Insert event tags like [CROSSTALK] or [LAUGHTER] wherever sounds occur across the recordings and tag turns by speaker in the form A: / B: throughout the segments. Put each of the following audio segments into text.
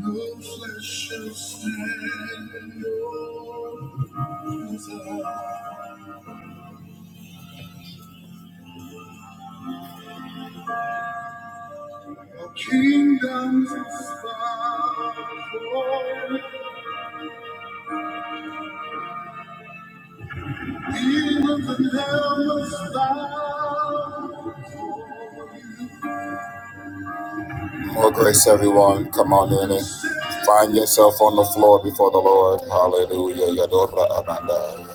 A: No flesh shall stand in your desire. A kingdom is far from demons and hell must bow. More grace, everyone. Come on in it. Find yourself on the floor before the Lord. Hallelujah. Yadora Amanda.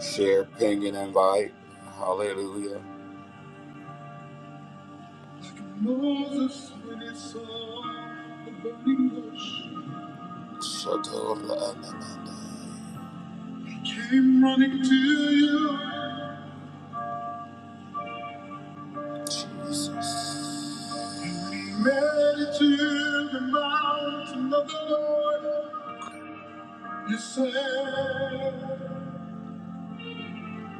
A: Share, ping, and invite. Hallelujah. Moses, when he saw the burning bush, he came running to you. Jesus. And he made it to the mountain of the Lord. You said,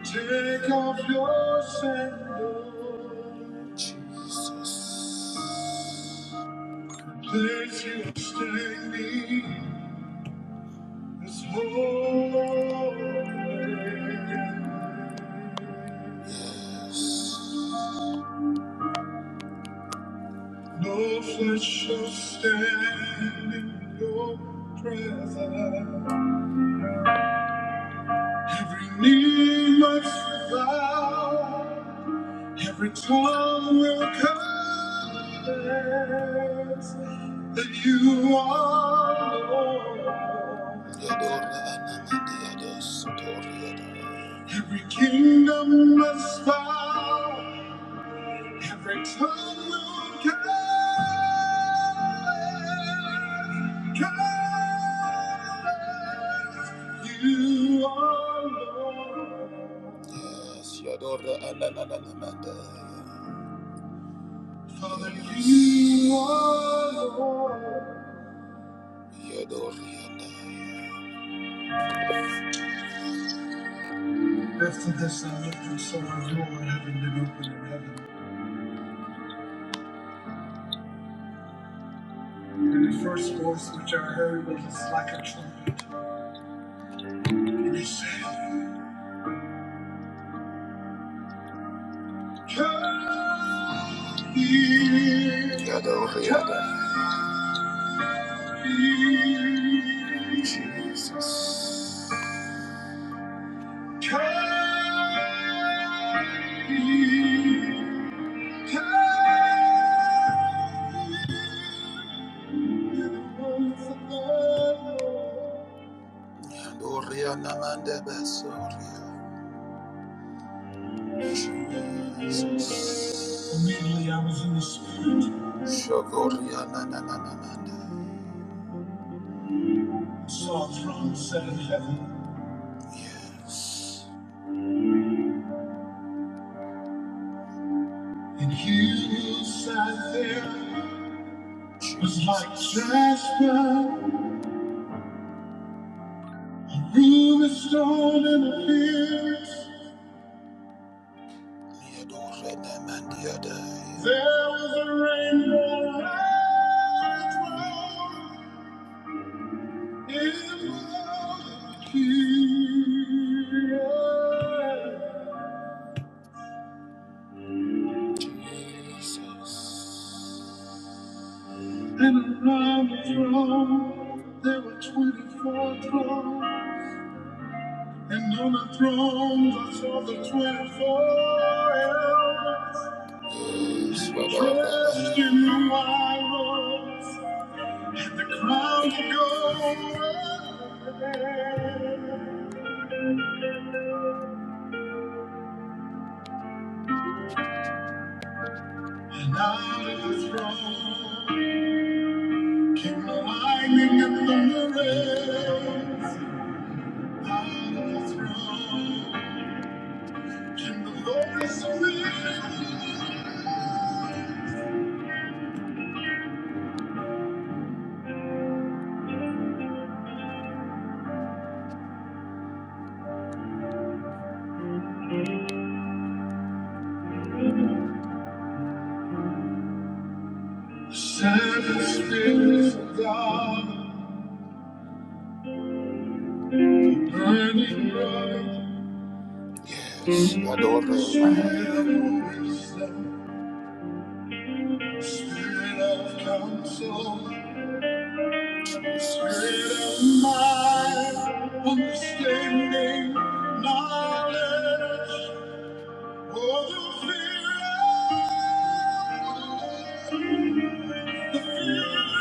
A: Take off your sandals. Jesus. Place you are standing. is holy. No flesh shall stand in your presence. Every knee must bow. Every tongue will confess that you are Lord. Every kingdom must bow. Every tongue will confess, confess you are Lord. Yes, Yadora Ananamanda. Father, you are Lord. Yador Yadai. After this, I looked and saw a door in heaven did open in heaven. And the first voice which I heard was like a trumpet. And it said, Come here. Yador Yadai. Jesus. Come Immediately I was in the spirit. Saw a throne set in heaven. Yes. And he who sat there was like Jasper. Through the storm and the hills, there was a rainbow I found in the hills. And around the throne, there were 24 thrones. And on the throne, I saw the 24 elders dressed in the white robes and the crowns of gold. And out of the throne came the lightning and thunder rays. Out of the throne came the voice of the Seven spirits of God. Yes, Yadore Spirit Mahaya. of wisdom, Spirit of counsel, Spirit of might, understanding, knowledge, oh, the fear of the Lord, the fear of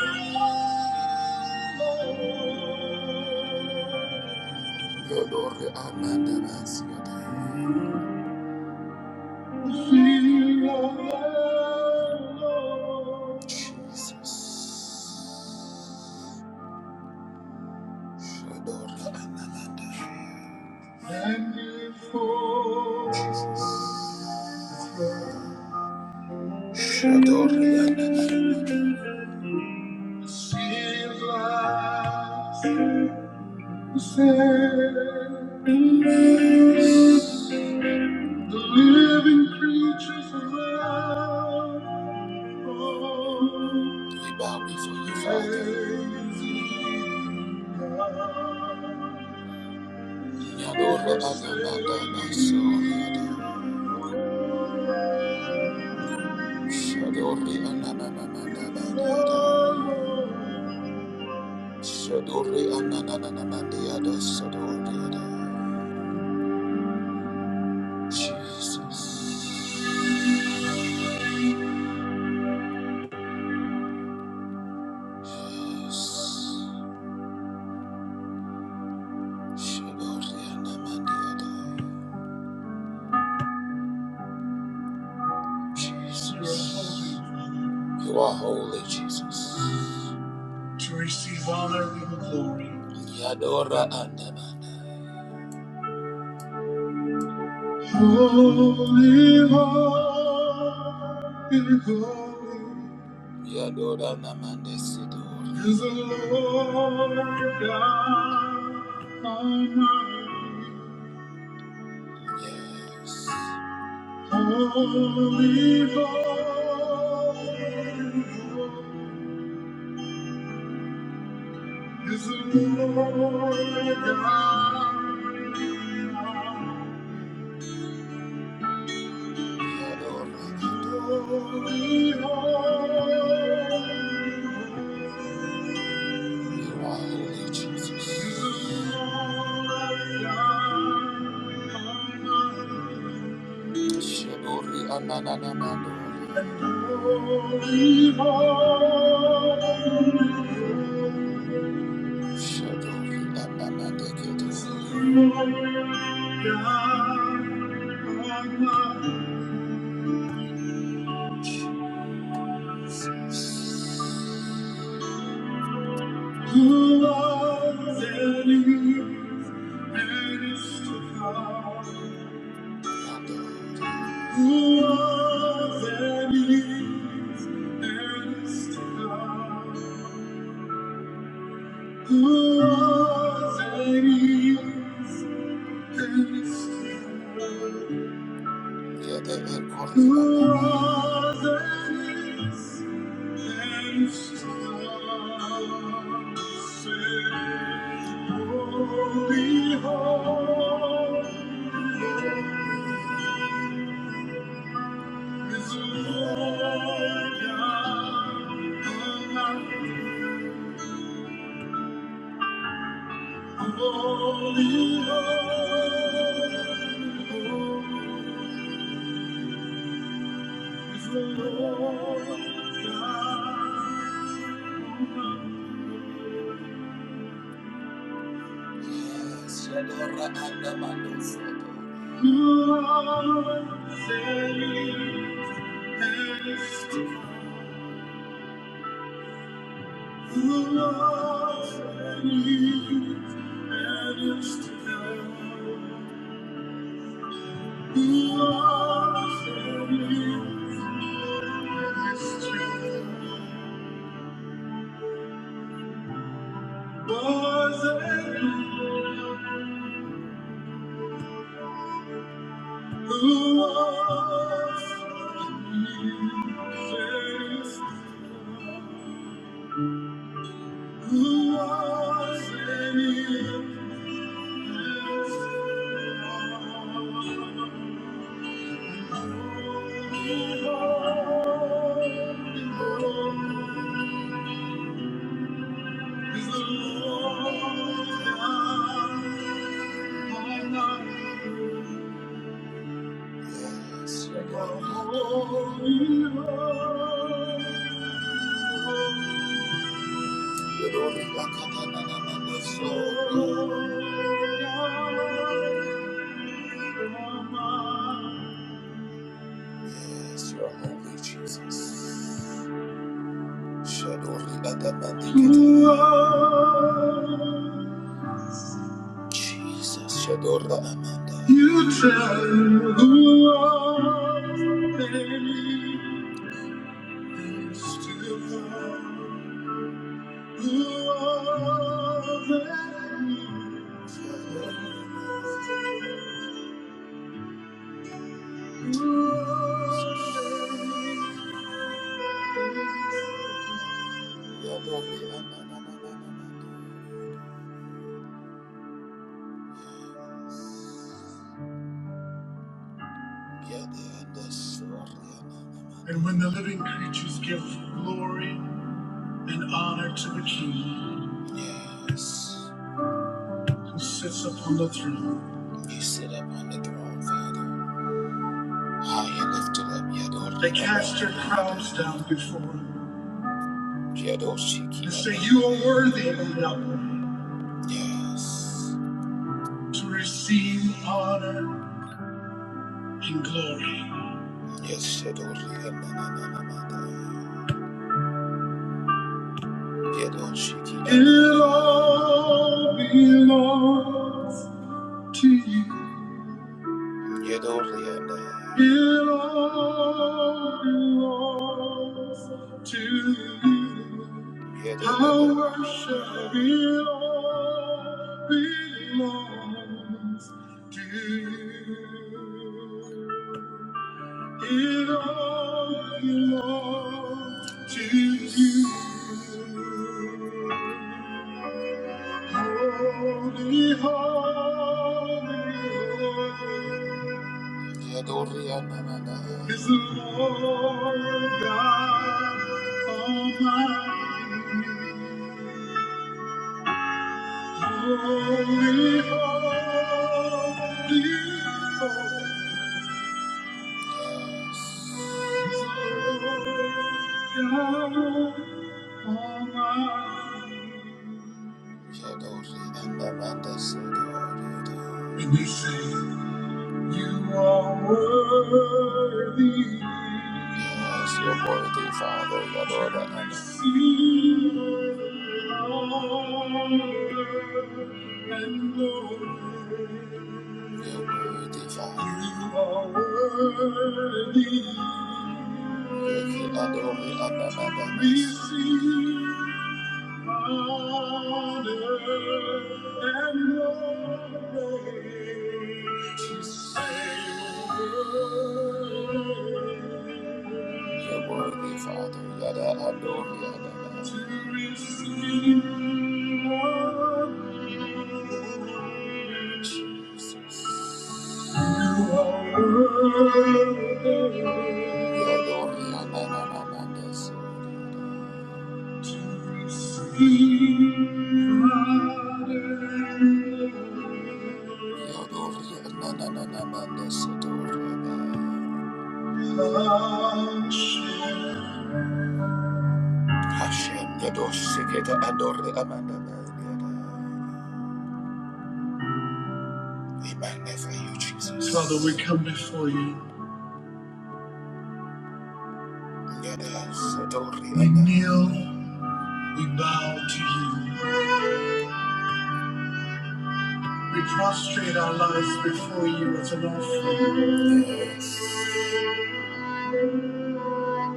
A: the Lord. Yadore Amanda Basiade. Fear of the Lord. Jesus. Adora Analanda. And if forever adore Analanda. seems like the same, The living creatures around praise God. Shaddoori, na na na na na na na na. Shaddoori, na na na na na na na na. Shaddoori, na na na na na na na na. Jesus, Jesus. Jesus. You are holy, Jesus. To receive honor and glory. Yadora andamana. Holy, holy, holy. Yadora namande sidora. Is the Lord God Almighty. Yes. Holy, holy is the Lord God. Holy, holy You are holy, Jesus. is the Lord God. Shibori ananana mandori. Shadori anana deketori. Love that lives and still. Love that is and still. Yeah, they ain't calling me back. Love that is and still. Say, oh, behold. is the Lord God Almighty. Holy, holy, holy is the Lord God Yes, Shadora Adamandosato. You are saved and is to come. Who was and is and is to come. Yes, you are holy, Jesus. Shadori Adamandikata. Jesus, Shadora Amanda. You tell who are they used to know. Who are they? Shadori Amanda. Shadori Amanda. And when the living creatures give glory and honor to the King Yes. who sits upon the throne, You sit upon the throne, Father. High and lifted up. Yador. they cast their crowns down before him and say, You are worthy, O Yahweh, Yes. to receive honor and glory. Yes, Shadori Yeah, It all belongs to you. Yeah, It all belongs to you. Yeah, Our worship, it all belongs to you. It all belongs to you. Holy, holy, holy is the Lord God Almighty. Holy, holy, holy. is the Lord God Almighty. And you say, You are worthy. Yes, you're worthy, Father. your Lord, and Receive honor You're worthy, Father are worthy. Receive honor and glory. To say You're worthy, Father. Yada adore yada. To receive honor. Jesus. Hashem Yadosh Seketa Ador Amanda. We magnify you, Jesus. Father, we come before you. Yes, adore We kneel, we bow to you. We prostrate our lives before you as an offering. Yes.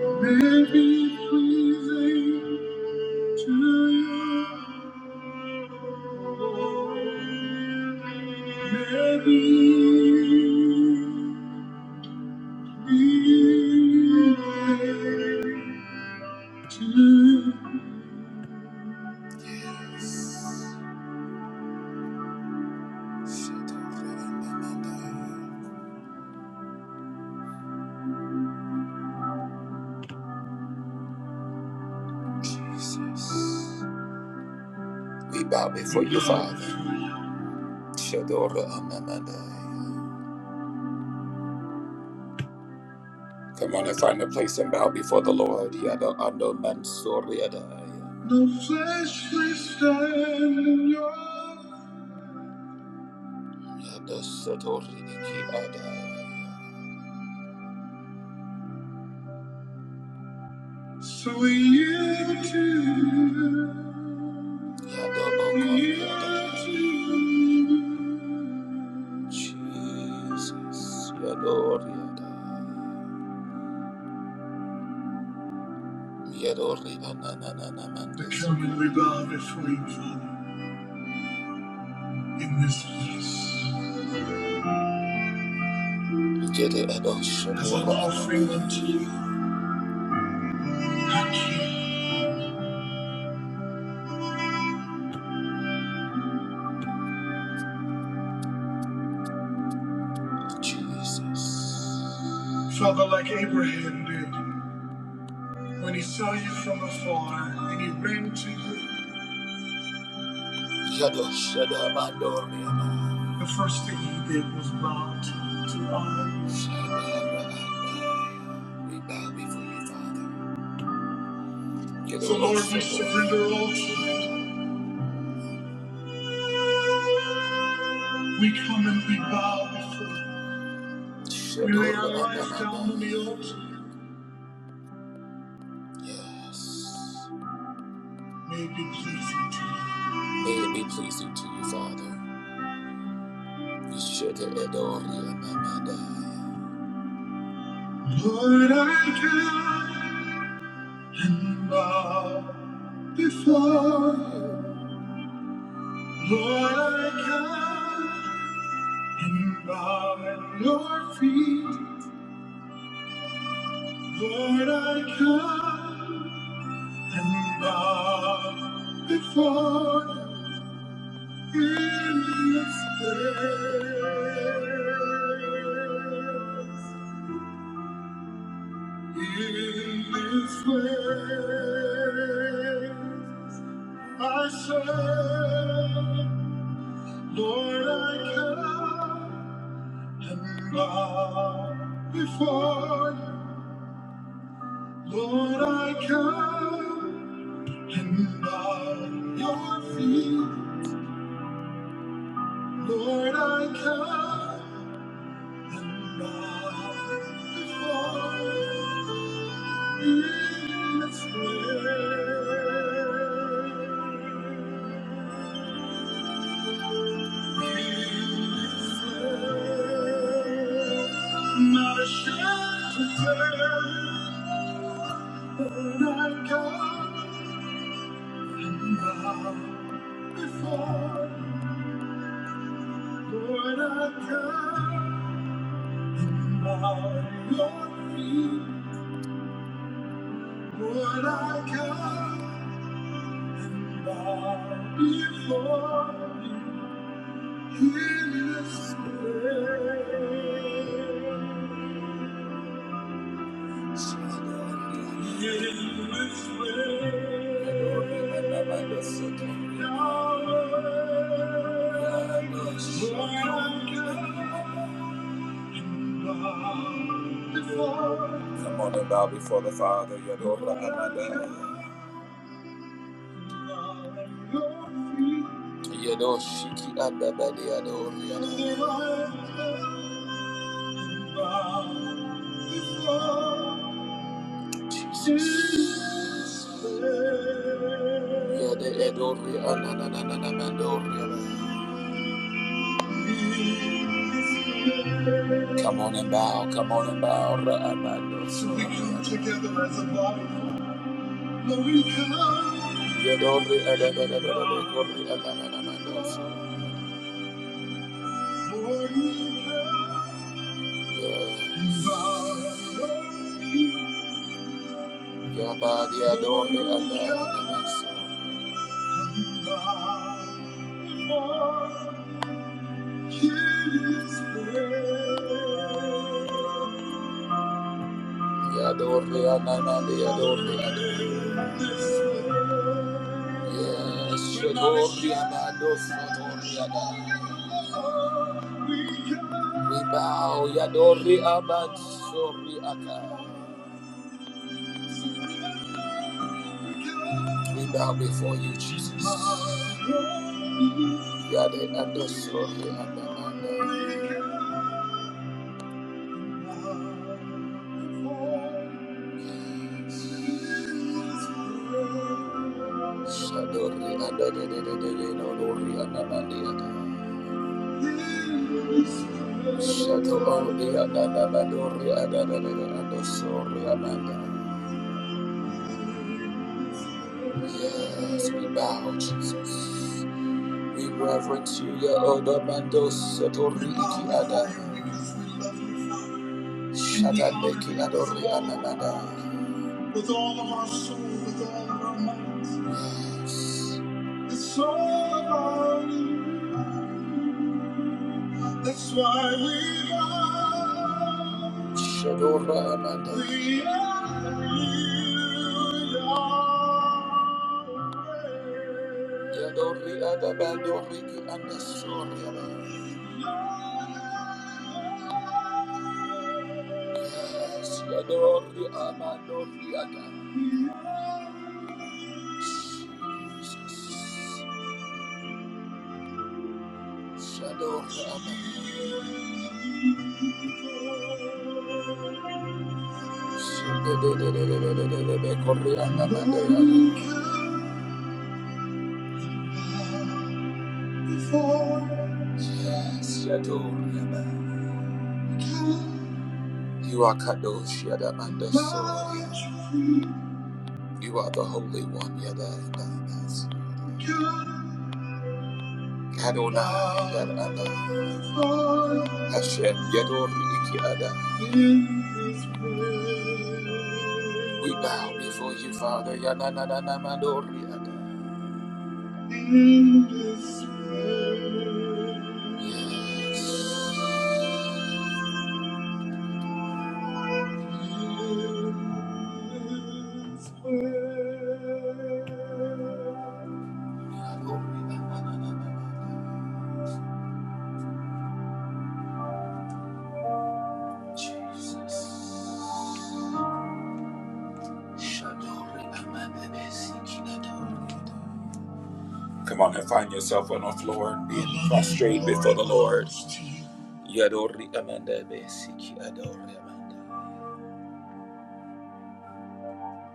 A: May it be pleasing to you. May it be pleasing to you. Yes. Shadore Jesus. We bow before you, Father. Shadora Amamandai. Come on and find a place and bow before the Lord. Yada Ando Mansori Adai. flesh will stand in your Yada Satori Iki Adai. So we yield to you. Yada Okori Adai. Jesus. Yadori Adai. Yadori ananana mando. come and we bow before you, Father, in this place. Yede adosho As an offering unto you. Jesus. Father, like Abraham did, when he saw you from afar and he ran to you, the first thing he did was bow to, you, to honor you. We bow before you, Father. So, Lord, we surrender all to you. We come and we bow before you. We lay our lives down on the altar. Yes. May it be pleasing to you. May it be pleasing to you, Father. You should adore you, Lord, I come and bow before you. Lord, I come and bow at your feet. Lord, I come. And bow before you in His place. In this place, I say, Lord, I come and bow before you. Lord, I come and bow your feet. Lord, I come and bow before you in this way, In this way, Not ashamed to tell, Lord, I come and bow before, Lord, I come and bow at your feet. Would I come and bow before you in this place? In this place. Yahweh, would I come and bow before Come on and bow before the Father, Yadora Amada. Yadoshiki Adabadi Adoriana. Jesus. Yade Edori Ananananamandoriana. Come on and bow, come on and bow. So we can together as a body. Yadori adadadadadada, kori adadadados. Yes. Yabadi adori adadadados. Yadore ananande yadore adore. Yes, shadore amado sadore ada. We bow yadore abad sori aka. We bow before you, Jesus. Yade ado sori ada Shadori Yes, we bow, Jesus. We reverence you, Ya Odamando Satori Iki Ada. Shadadeki Adori Anamada. with all of our soul, with all of our might. It's all about you. That's why we are. Shadora Amanda. We are. you. Lord. Yadori adabadori ki andasori aba. Yes, Yadori amadori ada. Jesus. Shadori aba. Shadededededededede kori anda mande ada. before. Yes, Yador You are Kadosh Yada and You are the Holy One Yada and Adonai Yada and Hashem Yador Iki Ada. We bow before you, Father Yada, Nana Madori Ada. Come on and find yourself on the floor, being prostrate before the Lord. Yadori amanda besiki adori amanda.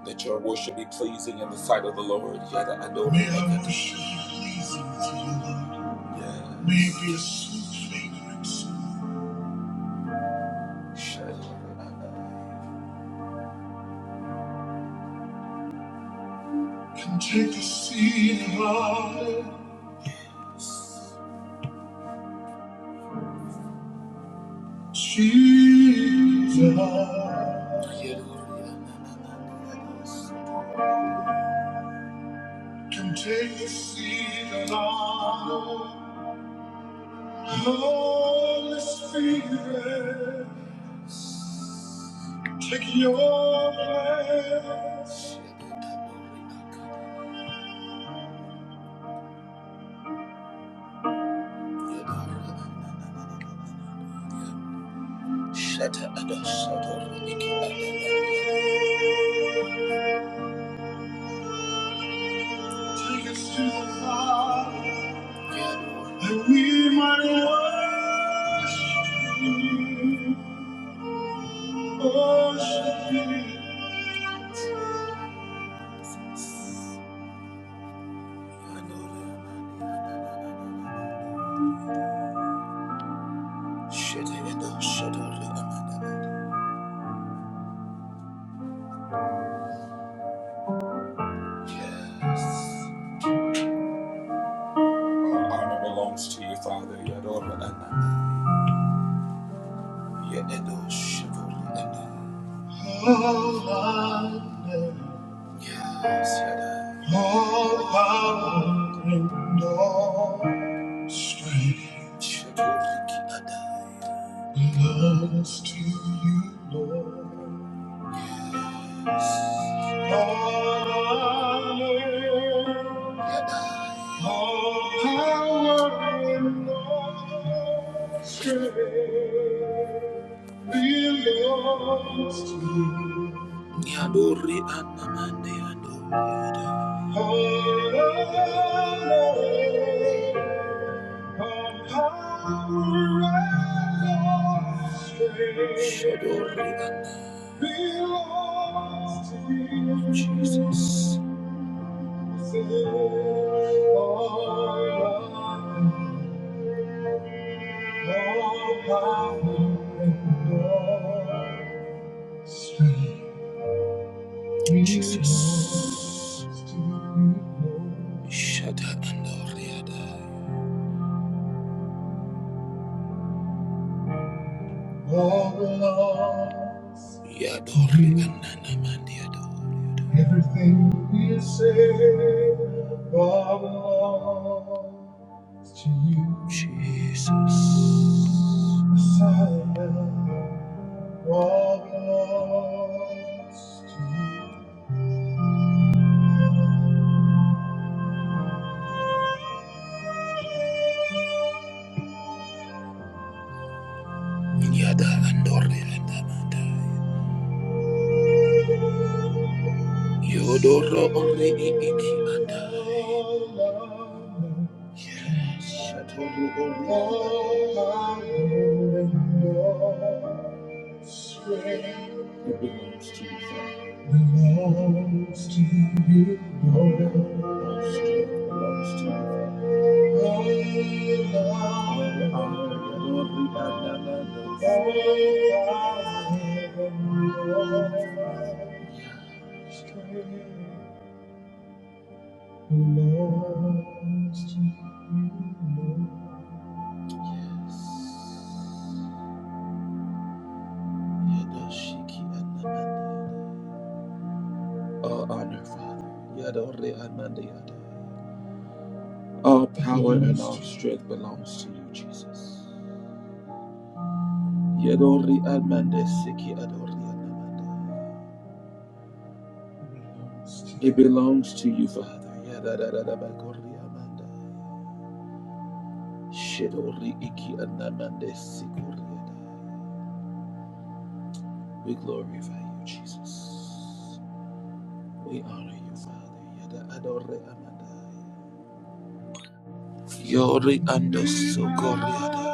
A: That your worship be pleasing in the sight of the Lord. Yada adore May our worship be pleasing to you, Lord. Yes. May it be a sweet fragrance. Shadow. take a seat high, Jesus. Yada. take a seat high. Holy Spirit, take your place. Shut up, Take us to the Father, that we might worship you, worship you. Yes. yes. All honor belongs to you, Father. Yadora Yedo Shadora Yes, Yada. All power and all strength. Shadoriki Adai. Belongs to you, Lord. Yadori anamande yadori yadori. Shadori and belongs to you, Jesus. All love, all power, and all strength Jesus. belongs to you, Lord. Shada and Oriada. All belongs. Everything we say, belongs to you. Jesus. Messiah, all belongs to you. Yada andore anamanda. Yodoro ore i iki andai. Shatoro ore i andai. It belongs to you, Father. Belongs to you, Lord. All strength belongs to you, Father. Yes. All honor, Father. All power and all strength belongs to you, Jesus. Yadori Admande Siki Adori Admanda. It belongs to you, Father. Yadadadadabakori Amanda. Shedori Iki Adnamande Sikori Adai. We glorify you, Jesus. We honor you, Father. Yada Adore Amanda. Yori and Sokoriada.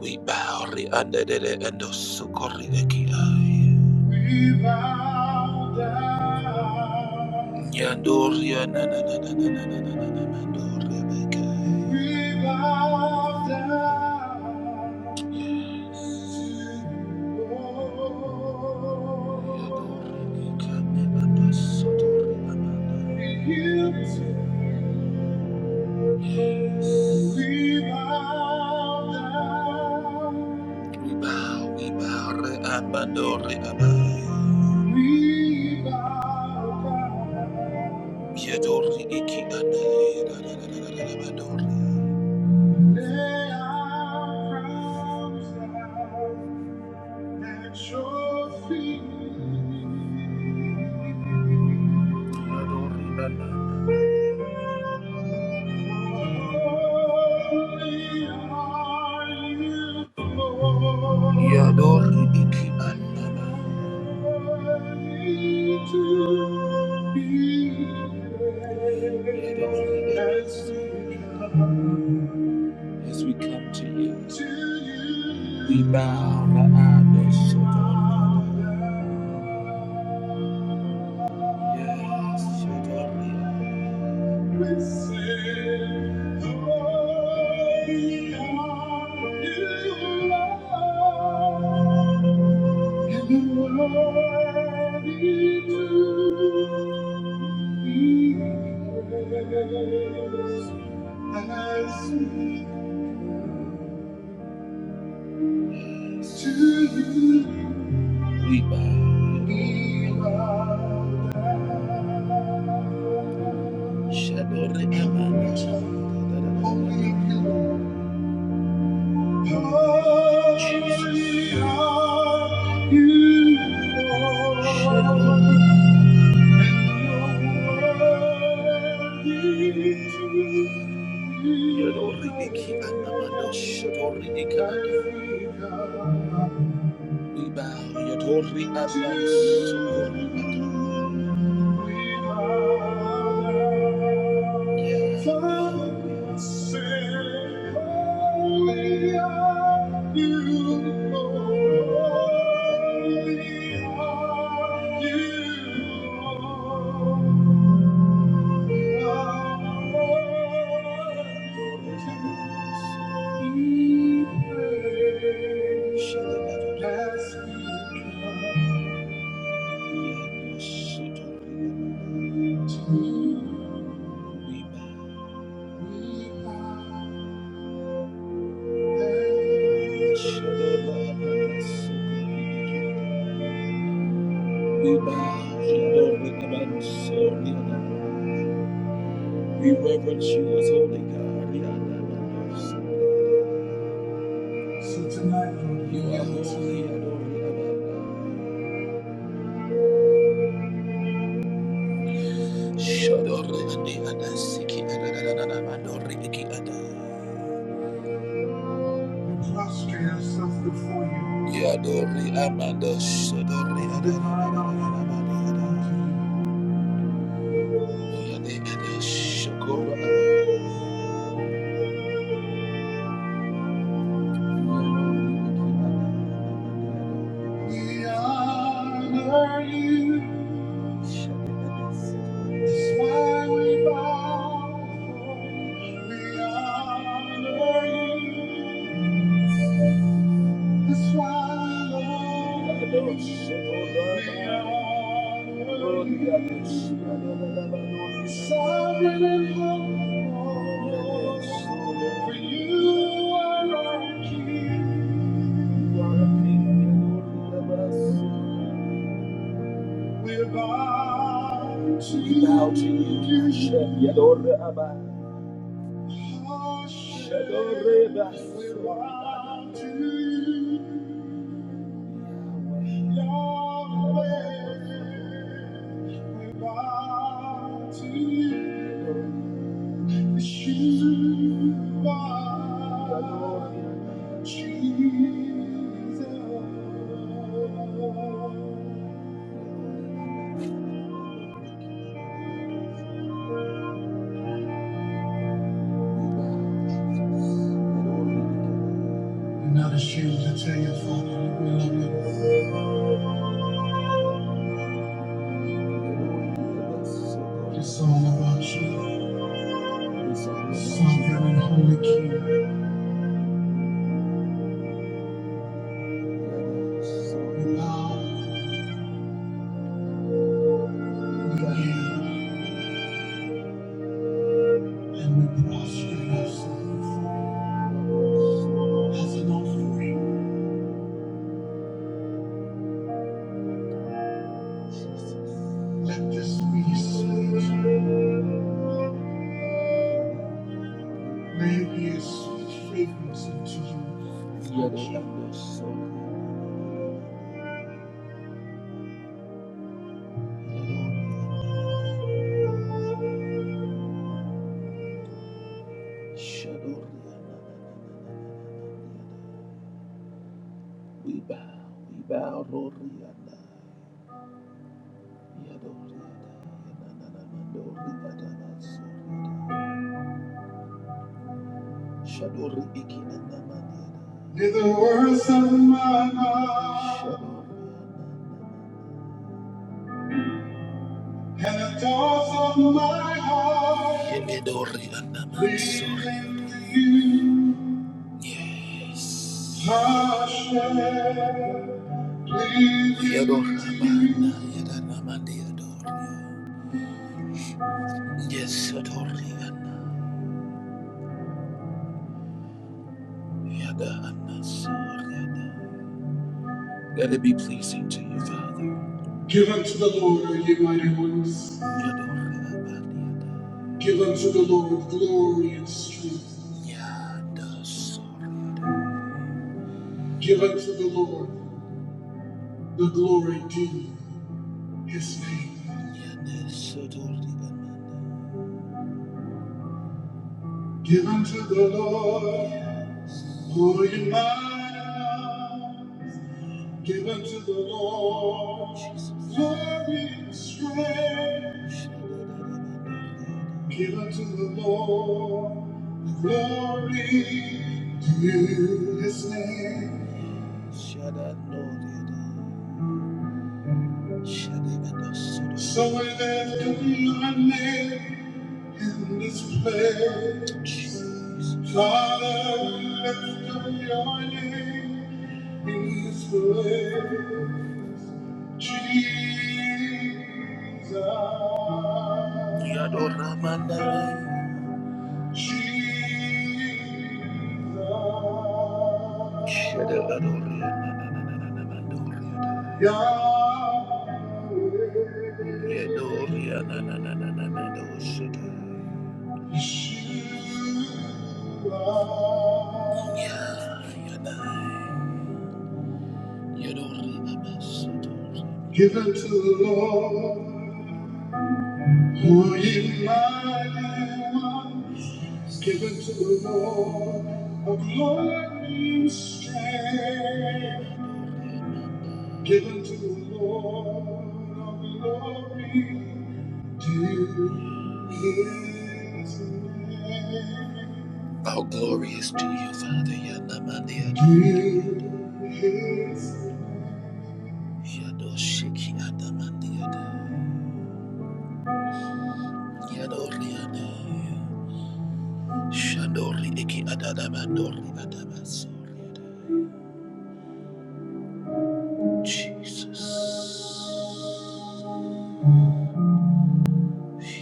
A: We bow re and the and Sokori Ekiai. We bow down. Yandoria na na na na na na na na na Mandoria Bekai. We bow down. Yadori Ikame and Sotori Amanda. We yield to. We bow down. We bow, we bow, re-abado, re-abai. We bow down. Yadori iki anai, da da da da da da da badori. Lay our crowns down at your feet. Yadori, da, da. Yador iki andaba. As we come to you, we bow the eyes of God. Yes, Yador we sing, Holy are you, Lord, and worthy to be As we to you. We bow. Shadore emana shadadadada. Jesus. Shadore. Yadore iki we bow, Yatori Abbas. Thank you. Lord. We bow, Shadow Rikaban Soriada. We reverence you as holy God. Riadababa. So tonight, Lord, you are holy. Adoriadaba. Shadow Riadiada Siki Adadadadadaba, Doriki Ada. Prostrate before you. Yadori amanda shadori We honor you. That's why we bow. before you. We honor you. That's why, Lord, we honor you. Sovereign and holy, for you are our King. You are a King, Lord. We bow to you. Bow to you. Yadore Abba. Yadore Abba. We bow to you. Jesus. Not ashamed to tell your father that we love you. It's all about you, sovereign and holy King. So we bow, we kneel, and we prostrate ourselves as an offering. Let this be a sweet, may it be a sweet fragrance unto you. Yada, yada, so yada, shador, yada. We bow, we bow, Lord, yada, yada, yada, yada, yada, yada, yada, yada, yada, yada, yada. Shadori Did the words of my mouth Shadori and the thoughts of my heart Yemedori lead anamansori. me to you, Yes. my shepherd? Lead me to you. Yes, Shadori Yada anasori ana. Let it be pleasing to you, Father. Give unto the Lord, O ye mighty ones. Yadorabadiada, Give unto the Lord glory and strength. yadasoriada, Give unto the Lord the glory due his name. yadesodoribamanda. Give unto the Lord, O ye mighty ones. Give unto the Lord glory and strength. Give unto the Lord glory to his name. So we lift up your name in this place. Father, we lift up your name in this place. Jesus, we adore Him tonight. Jesus, shed a drop of Your blood. Yahweh, we adore You, na na na na na na na na na na. Ishtar, we adore You, na na na na na na na na na na. Give it to the Lord, who ye mighty ones. Give it to the Lord, a glorious strength. Give it to the Lord, a glory to his name. How glorious to you, Father, Yanamandia. To his name. Yado shiki adamandi ada. Yado ada. Shadori eki adadabadori adabasori Jesus.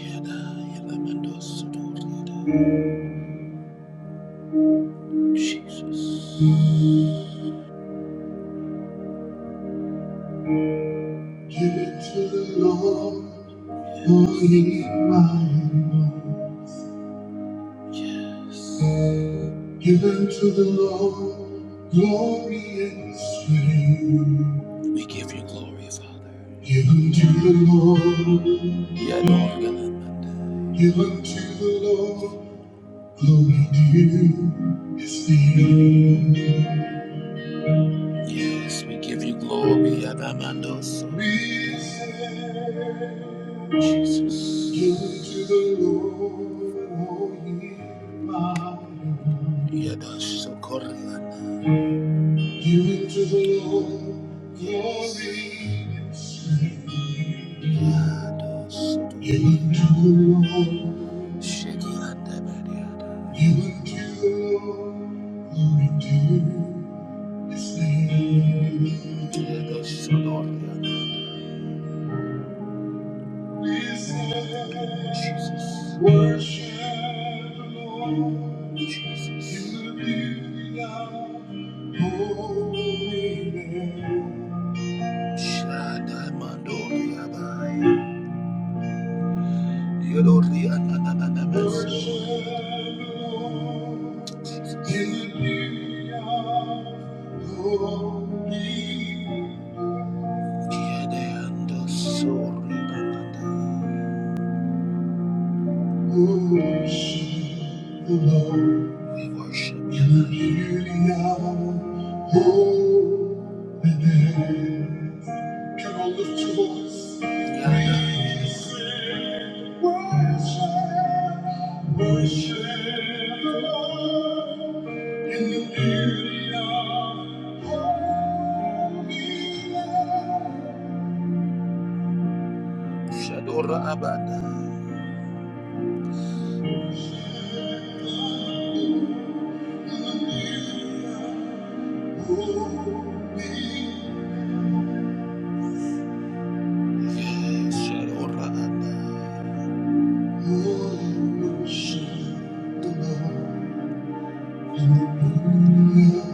A: Yada yadamando sodori ada. Jesus. Give to the Lord, for he Given to the Lord, glory and strength. We give you glory, Father. Given to the Lord. Yeah, Lord. Given the Lord, glory to his name. Yes, we give you glory, Adamandos. We send Jesus. You to the Lord, O ye powerful. Yadasokoriana. Give it to the Lord, glory and strength. Give it to the Lord, give it to the Lord, glory to His name. Listen, worship the Lord, to the beauty of holiness. Shadamandoria. Yodoria nananamas. Kiedeandosoria nanana. Worship the Lord. We worship you. In the beauty of holiness. Come on, lift your voice. Yeah. We sing Worship, worship the Lord. In the beauty of holiness. Shadora Abada. Holy, holy worship the Lord. Hallelujah.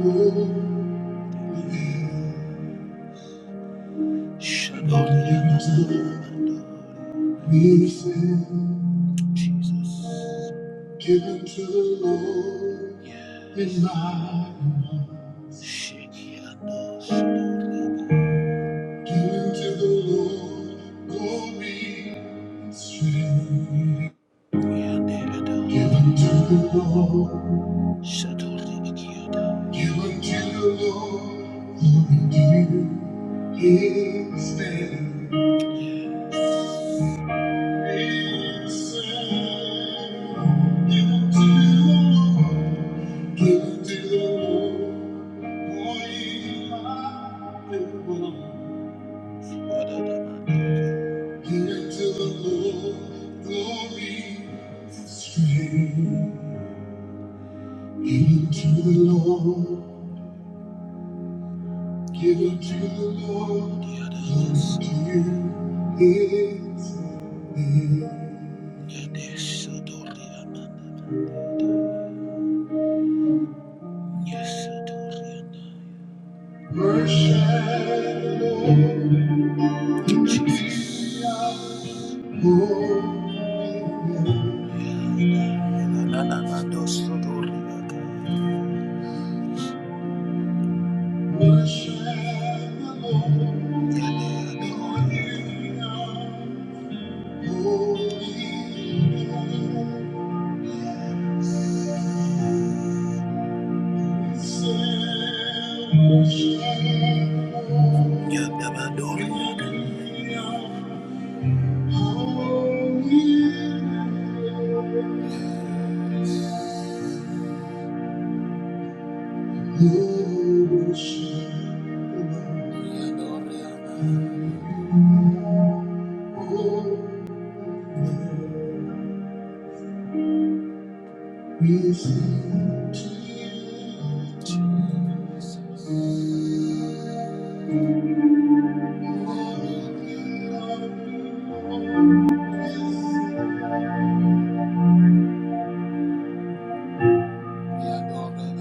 A: Holy, Everything given to the Lord in my mouth. Give to the Lord glory and strength. Yeah, there it is. Give unto the Lord. Shut all the key. Give unto the Lord glory due his name. Sing. Give unto the Lord. Give unto the Lord. For he loved the world. Into the Lord, glory and strength. Give unto the Lord, give unto the Lord, unto his name. Worship the Lord, Jesus. Holy name. Yadabador. Listen to you, Jesus. We glorify you,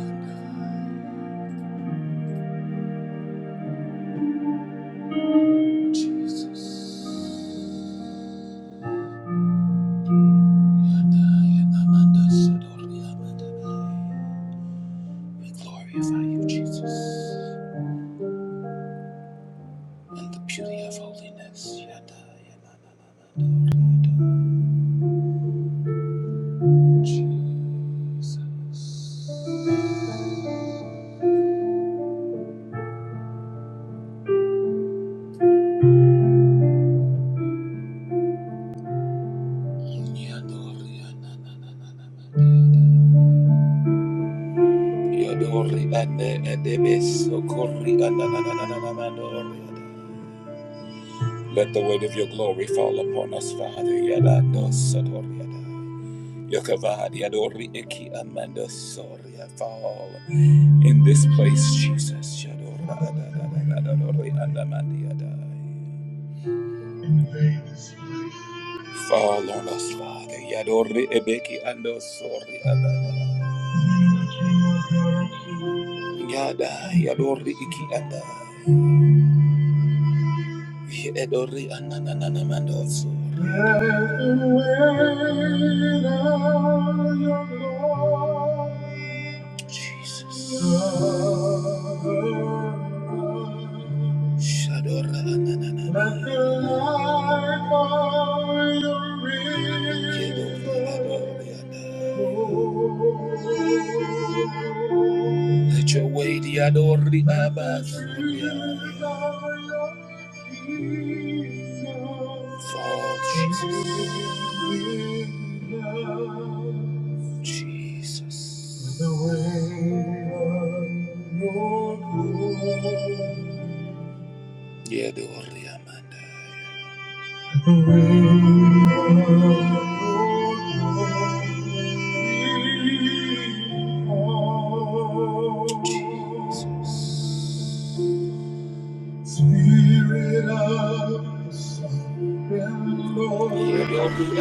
A: Jesus. Let the weight of your glory fall upon us, Father. Yadando sadori ada. Yokavad yadori iki Fall in this place, Jesus. Fall on us, Father. Yadori ebeki ando sori abada. Yada yadori iki anda. Yadori ananana mando sori. Jesus. Shadora Anana. Nothing like all your rivers. Let your way, Diadori Abbas. Fall, Jesus. Jesus. The way of your glory. Yeah, the only Amanda. Spirit of the sovereign Lord, Yeah, the only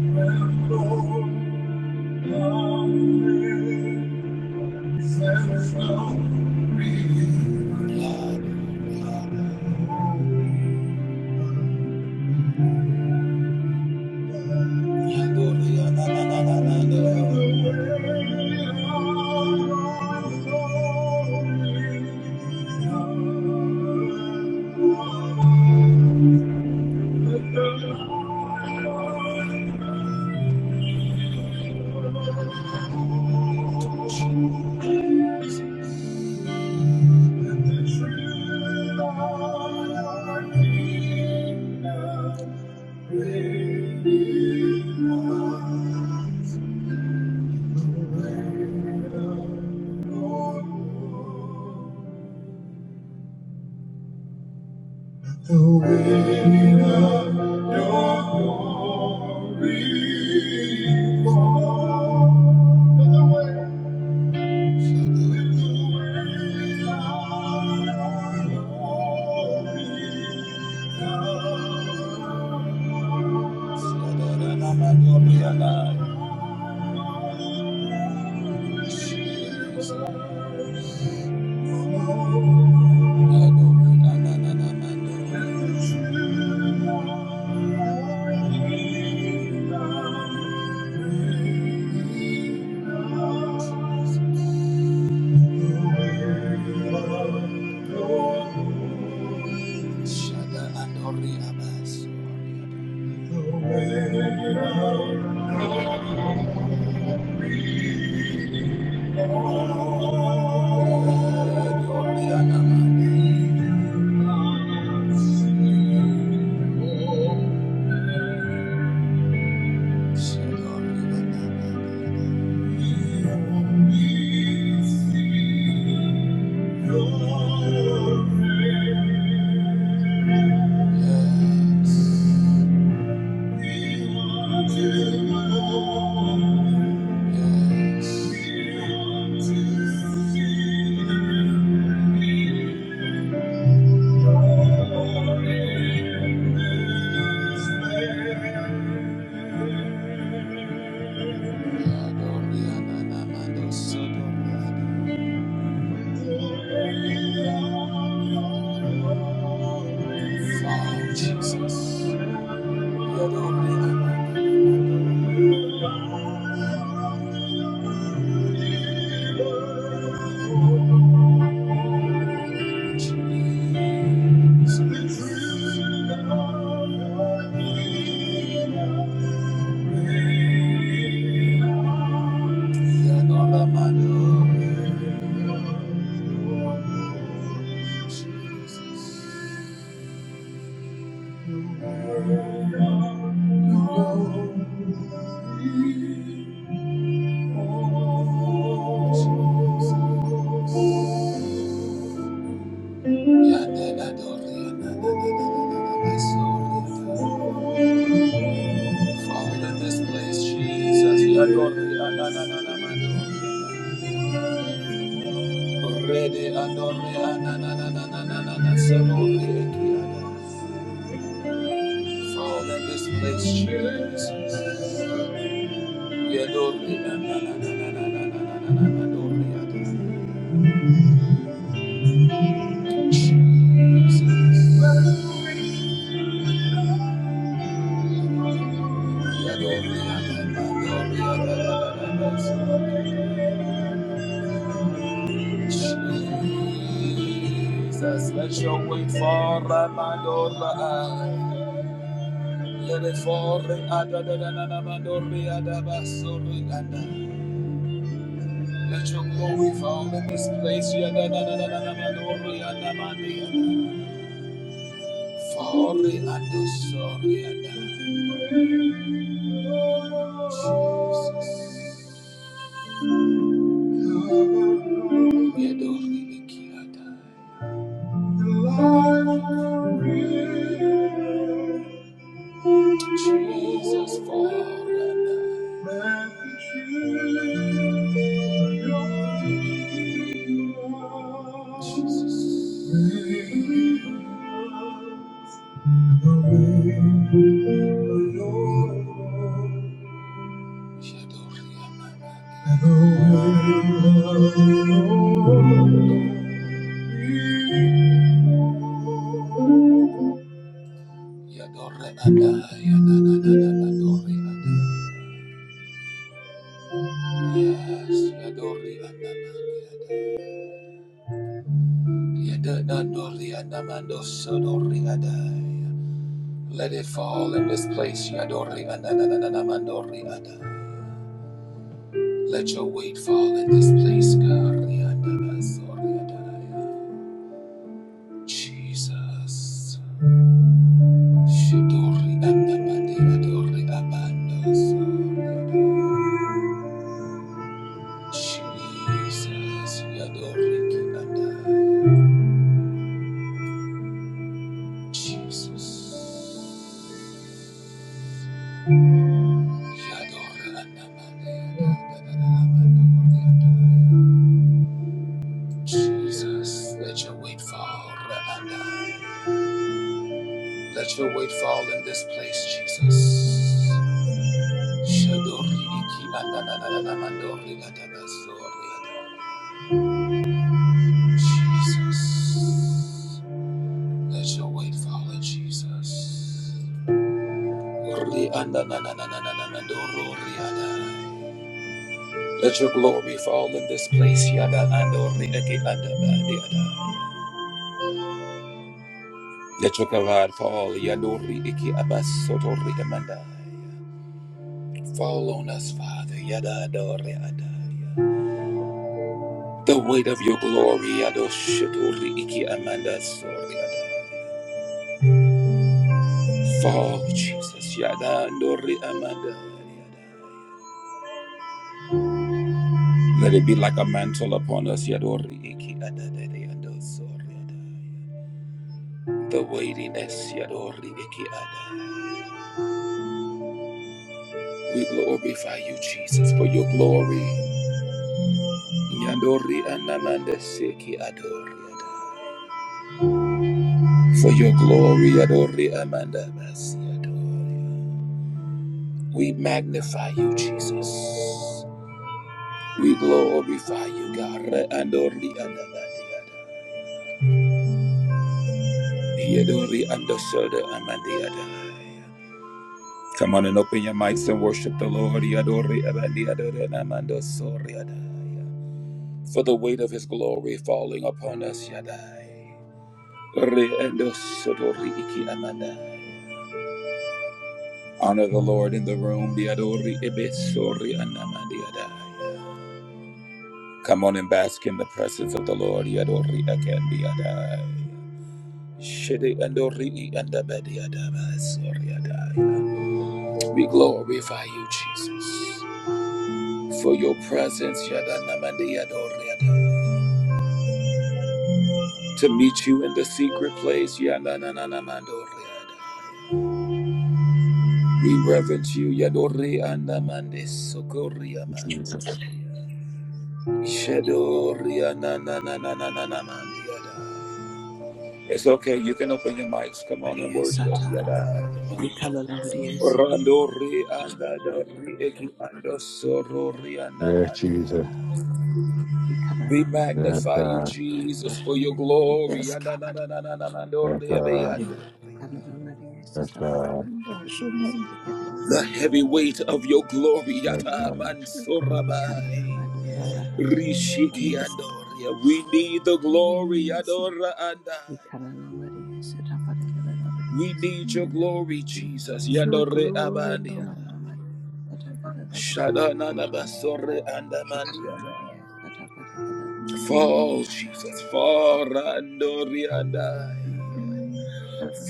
A: Amanda. The way of your glory falls. Adoriana Mandi. Yes. We want to see you. Jesus. Fall in this place, Jesus. Jesus, let your wind fall, Ramandora. Let it fall, Adadadadadabandori, Adabasori, Ada. Let your glory fall in this place, Yadadadadadabandori, Adamandi, Ada. Fall, Adosori, Ada. Jesus for Jesus. Let it fall in this place, Let your weight fall in this place, Jesus. Shidori andamande adori abandoso. Jesus. Yadori ki anda. Jesus. Yadori andamande adadadadamandori anda. Jesus, let your weight fall. Let your weight fall in this place, Jesus. Shadori iki ananana mandori atabasori adaba. Jesus. Let your weight fall on Jesus. Ori anananananana mandoro ori ada. Let your glory fall in this place. Yada andori iki adaba di ada. Let your kavod fall. Yadori iki abasotori amanda. Fall on us, Father. Yada adori ada. The weight of your glory, Adoshatori Iki Amanda Soriada. Fall, Jesus, Yada Dori Amanda. Yada. Let it be like a mantle upon us, Yadori Iki Adadari Adosoriada. The weightiness, Yadori Iki Ada. We glorify you, Jesus, for your glory. Yadori Anamanda Seki Adori For your glory, Yadori Amanda Basi Adori. We magnify you, Jesus. We glorify you, God. Re Andori andamandiada. Yedori andosoda amandiada. Come on and open your mics and worship the Lord. Yadori abandiada namandosoriada. For the weight of his glory falling upon us, Yadai. Re andosodori iki amandai. Honor the Lord in the room. Yadori ebesori anamandiada. Come on and bask in the presence of the Lord. Yadori akendi adai. Shede andori andabedi adabai sori We glorify you, Jesus, for your presence. yadanamandi yadori adai. To meet you in the secret place. yadanananamandori adai. We reverence you. Yadori andamande sokori
B: Jesus.
A: Shedori ananananananamandi adai. It's okay. You can open your mics. Come on and
C: Maria
A: worship.
C: Sata,
A: Yadai.
C: Ikalala Maria Sita,
A: Randori anda eki ando soro
B: Yes, Jesus.
A: We
C: Ikalala Maria
B: Yes,
A: magnify you,
B: God.
A: Jesus, for your glory.
D: Yes,
A: Anda na
D: God.
B: Yes, God.
D: Hallelujah.
C: Ikalala Maria
B: Yes,
C: Sata,
B: God.
D: Bless your
C: Maria
D: name.
C: Sita, Ikalala
A: The
C: Maria
A: heavy weight of your glory.
B: Yes,
A: yata
B: God. Yes,
A: mansora
C: Ikalala Maria
B: God.
C: Sata,
A: Rishiki
D: Yes, God.
A: andoria. We need the glory.
D: Yes.
A: Adora anda.
C: Ikalala Maria Sata, Ikalala Maria Ikalala Maria Sata, Ikalala Maria Ikalala Maria Sata,
A: We need your glory, Jesus.
D: Your
A: Yandore
D: glory,
C: Ikalala
A: abandia.
C: Maria Sata, Ikalala
D: Lord.
C: Maria
D: Yes,
A: Shadana na
D: it
A: Fall, Jesus. Fall, Andori and I.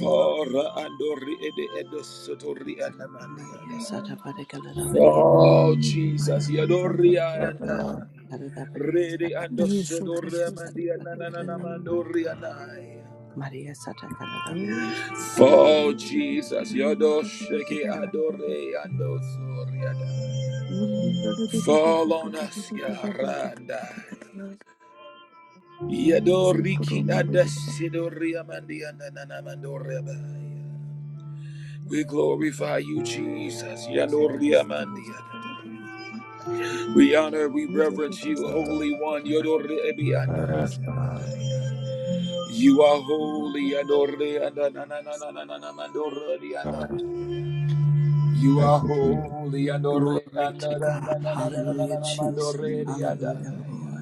A: Fall, Andori Ede Edo Sotori and Amandiada.
C: Sata, Ikalala
A: Fall,
D: was
A: Jesus.
C: Maria
A: Yadori
D: God.
A: and I.
C: Karada Maria Sata
A: Rede Ando
C: Karada
D: Yes, of
C: Maria
A: Sodori
C: Sata
A: Amandia
C: Parikililanta
A: Nananamandori and I.
C: Maria Sata Karada Maria Sata Karada.
A: Fall, Jesus. Yodo
D: course.
A: Adore Ando
D: Yes,
A: and I. Fall on us, Yarandai. Yadoriki adasidoria mandia nananamandoria. We glorify you, Jesus. Yadoria mandia. We honor, we reverence you, Holy One. Yodore
B: Yes, God. Yes,
A: You are holy, Adore Andananananananamandoradianda.
B: God.
A: You
B: Thank
A: are
B: you, Jesus.
A: holy, Adore
C: Glory to God. Hallelujah, Jesus.
A: Andanananananamandoradianda.
C: Hallelujah, Lord.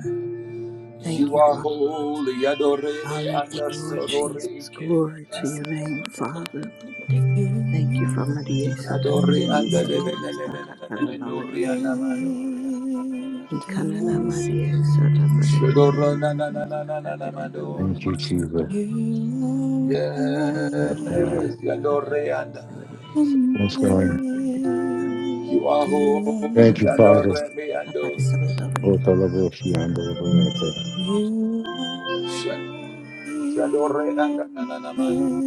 C: Thank
A: You
C: you,
A: are
C: Father.
A: holy, Adore
C: Hallelujah, Lord Jesus. Glory to
A: Andasororike.
C: your name, Father.
E: You
C: Thank you
E: are
C: for Maria Sata
A: Adore
C: Karada
A: anda de de
C: Maria
A: de de de
C: Sata
A: de de de
C: Karada
A: dori
C: Maria
A: anda
C: Sata.
A: mandore.
E: lifted
C: Ikanana
E: up.
C: Maria Sata Parikililanta
A: Shedoro na na
C: Maria
A: na na
C: Sata
A: na na na
C: Karada
A: mandore.
B: Thank
C: Maria
B: you, Jesus.
C: Sata.
E: You are
B: Yes,
E: high
A: Yes,
B: God.
A: yandore anda.
E: and
B: Yes, God.
A: You are
E: lifted up.
A: holy,
B: Thank you, Father.
A: yandore me andos.
B: Oh, the love of you and all the rest. Thank
E: You are
A: Shed-
E: high
A: Shadore anda
E: and
A: na na na mandore.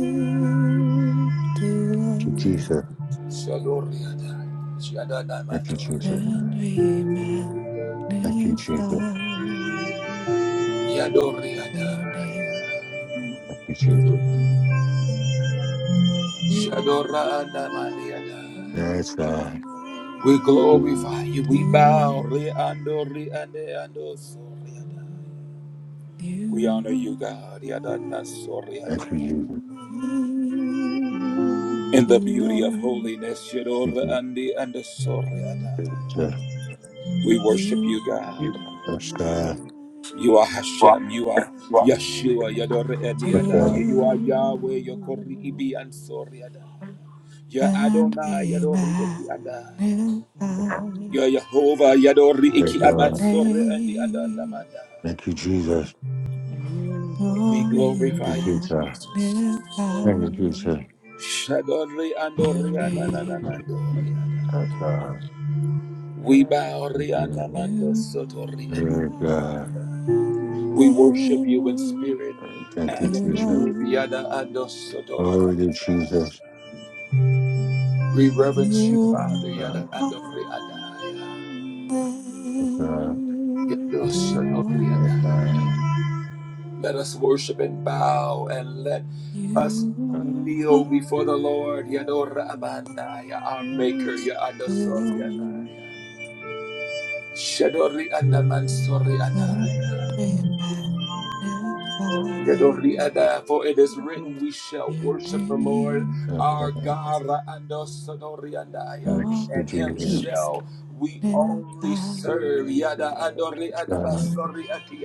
E: lifted up.
B: you, Jesus.
A: Shadore anda. Shadana
B: Thank you,
A: mandore.
B: Jesus.
E: And we
B: Thank you, Jesus.
E: magnify
B: Thank
D: Yes,
A: Yadore anda.
E: your name.
B: you, Jesus.
E: You
A: Shadora anda mandore.
B: Yes, God.
A: We glorify you. We bow.
E: You
A: We honor you,
E: You
A: God.
E: are
B: Thank you,
E: are
B: Jesus.
A: In the beauty of holiness,
B: Thank you, Jesus.
A: we worship you, God.
B: Yes, God.
A: You are Hashem. You are Yeshua. Yador, andi,
E: are high
B: Yes,
A: You are Yahweh. Yokori, ibi, and soriada. Ya
E: And lifted up. And we
A: Adonai, Yadori, andi, andai.
E: magnify
B: God.
A: Ya Yehovah, Yadori,
B: Yes,
A: iki,
E: your
A: abat,
B: God.
A: sori, andi, ando,
E: name.
A: andamandai.
B: Thank you, Jesus.
A: We
E: Oh, we
A: glorify
B: Thank you,
A: you,
E: magnify
B: Jesus.
A: Jesus.
B: Thank you, Jesus.
A: Shadori
E: your
A: andori
E: name.
A: anananamandori
B: Yes, God.
A: We bow
B: Thank you,
A: rianamando
E: You are
A: sotori
B: Yes,
E: high
B: God.
A: anamando.
E: and
A: We worship you in spirit
B: Thank you,
A: and in
E: lifted
B: Jesus.
E: up.
A: truth. Yada ando sodora.
B: Glory to Jesus.
A: We reverence you,
E: You
A: Father.
B: God.
A: Yada
E: are
A: ando
E: high
A: riadaya.
E: and
B: Yes, God.
A: Yado
E: lifted up.
B: Yes,
A: sodori
B: God.
A: Let us worship and bow and let
E: You
A: us
B: Yes,
E: are
A: kneel before the Lord.
E: high
A: Yadora abandaya, our maker,
E: and
A: ya adosori
E: lifted up.
A: adaya. Shadori anaman sori adaya.
E: And we magnify
B: God.
A: For it is written, We shall
E: your
A: worship the Lord
E: name.
B: Yes,
A: our
B: God.
A: God,
B: Thank
E: Oh,
B: you,
A: and
B: Jesus. God. Yes, God. Thank you, Jesus. Yes,
A: Him
B: God. Yes, God.
E: we
B: Yes,
A: shall
D: God.
A: we only
E: magnify
D: Thank
A: serve.
D: you for the word.
B: God. Yes,
E: your
B: God. Thank
E: name.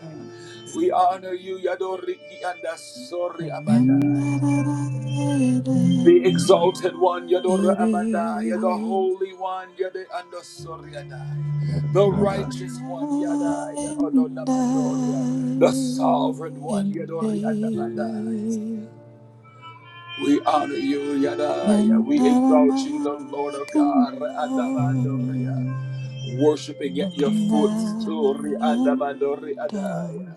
D: Thank you for the
A: We
D: word.
A: honor you, Yadori Kianda Sori
D: Thank
E: And that
A: Abadaya.
E: I and
A: The exalted one,
E: I it
A: Yadora Amanda, you're the
E: is.
A: holy one, you're the Andosoriadai, the
E: Broken
A: righteous one,
E: I
A: Yadai,
E: and I
A: Odonamandoria, the sovereign one,
E: and
A: Yadori Andamandai.
E: I.
A: We honor you, Yadai,
E: And that
A: we
E: I
A: exalt you, the Lord
E: might
A: of God,
E: condone.
A: Andamandoria, worshiping at
D: you for the
A: your
E: Broken
D: word.
A: footstool,
E: lion
A: Andamandori Adaya.
E: dog,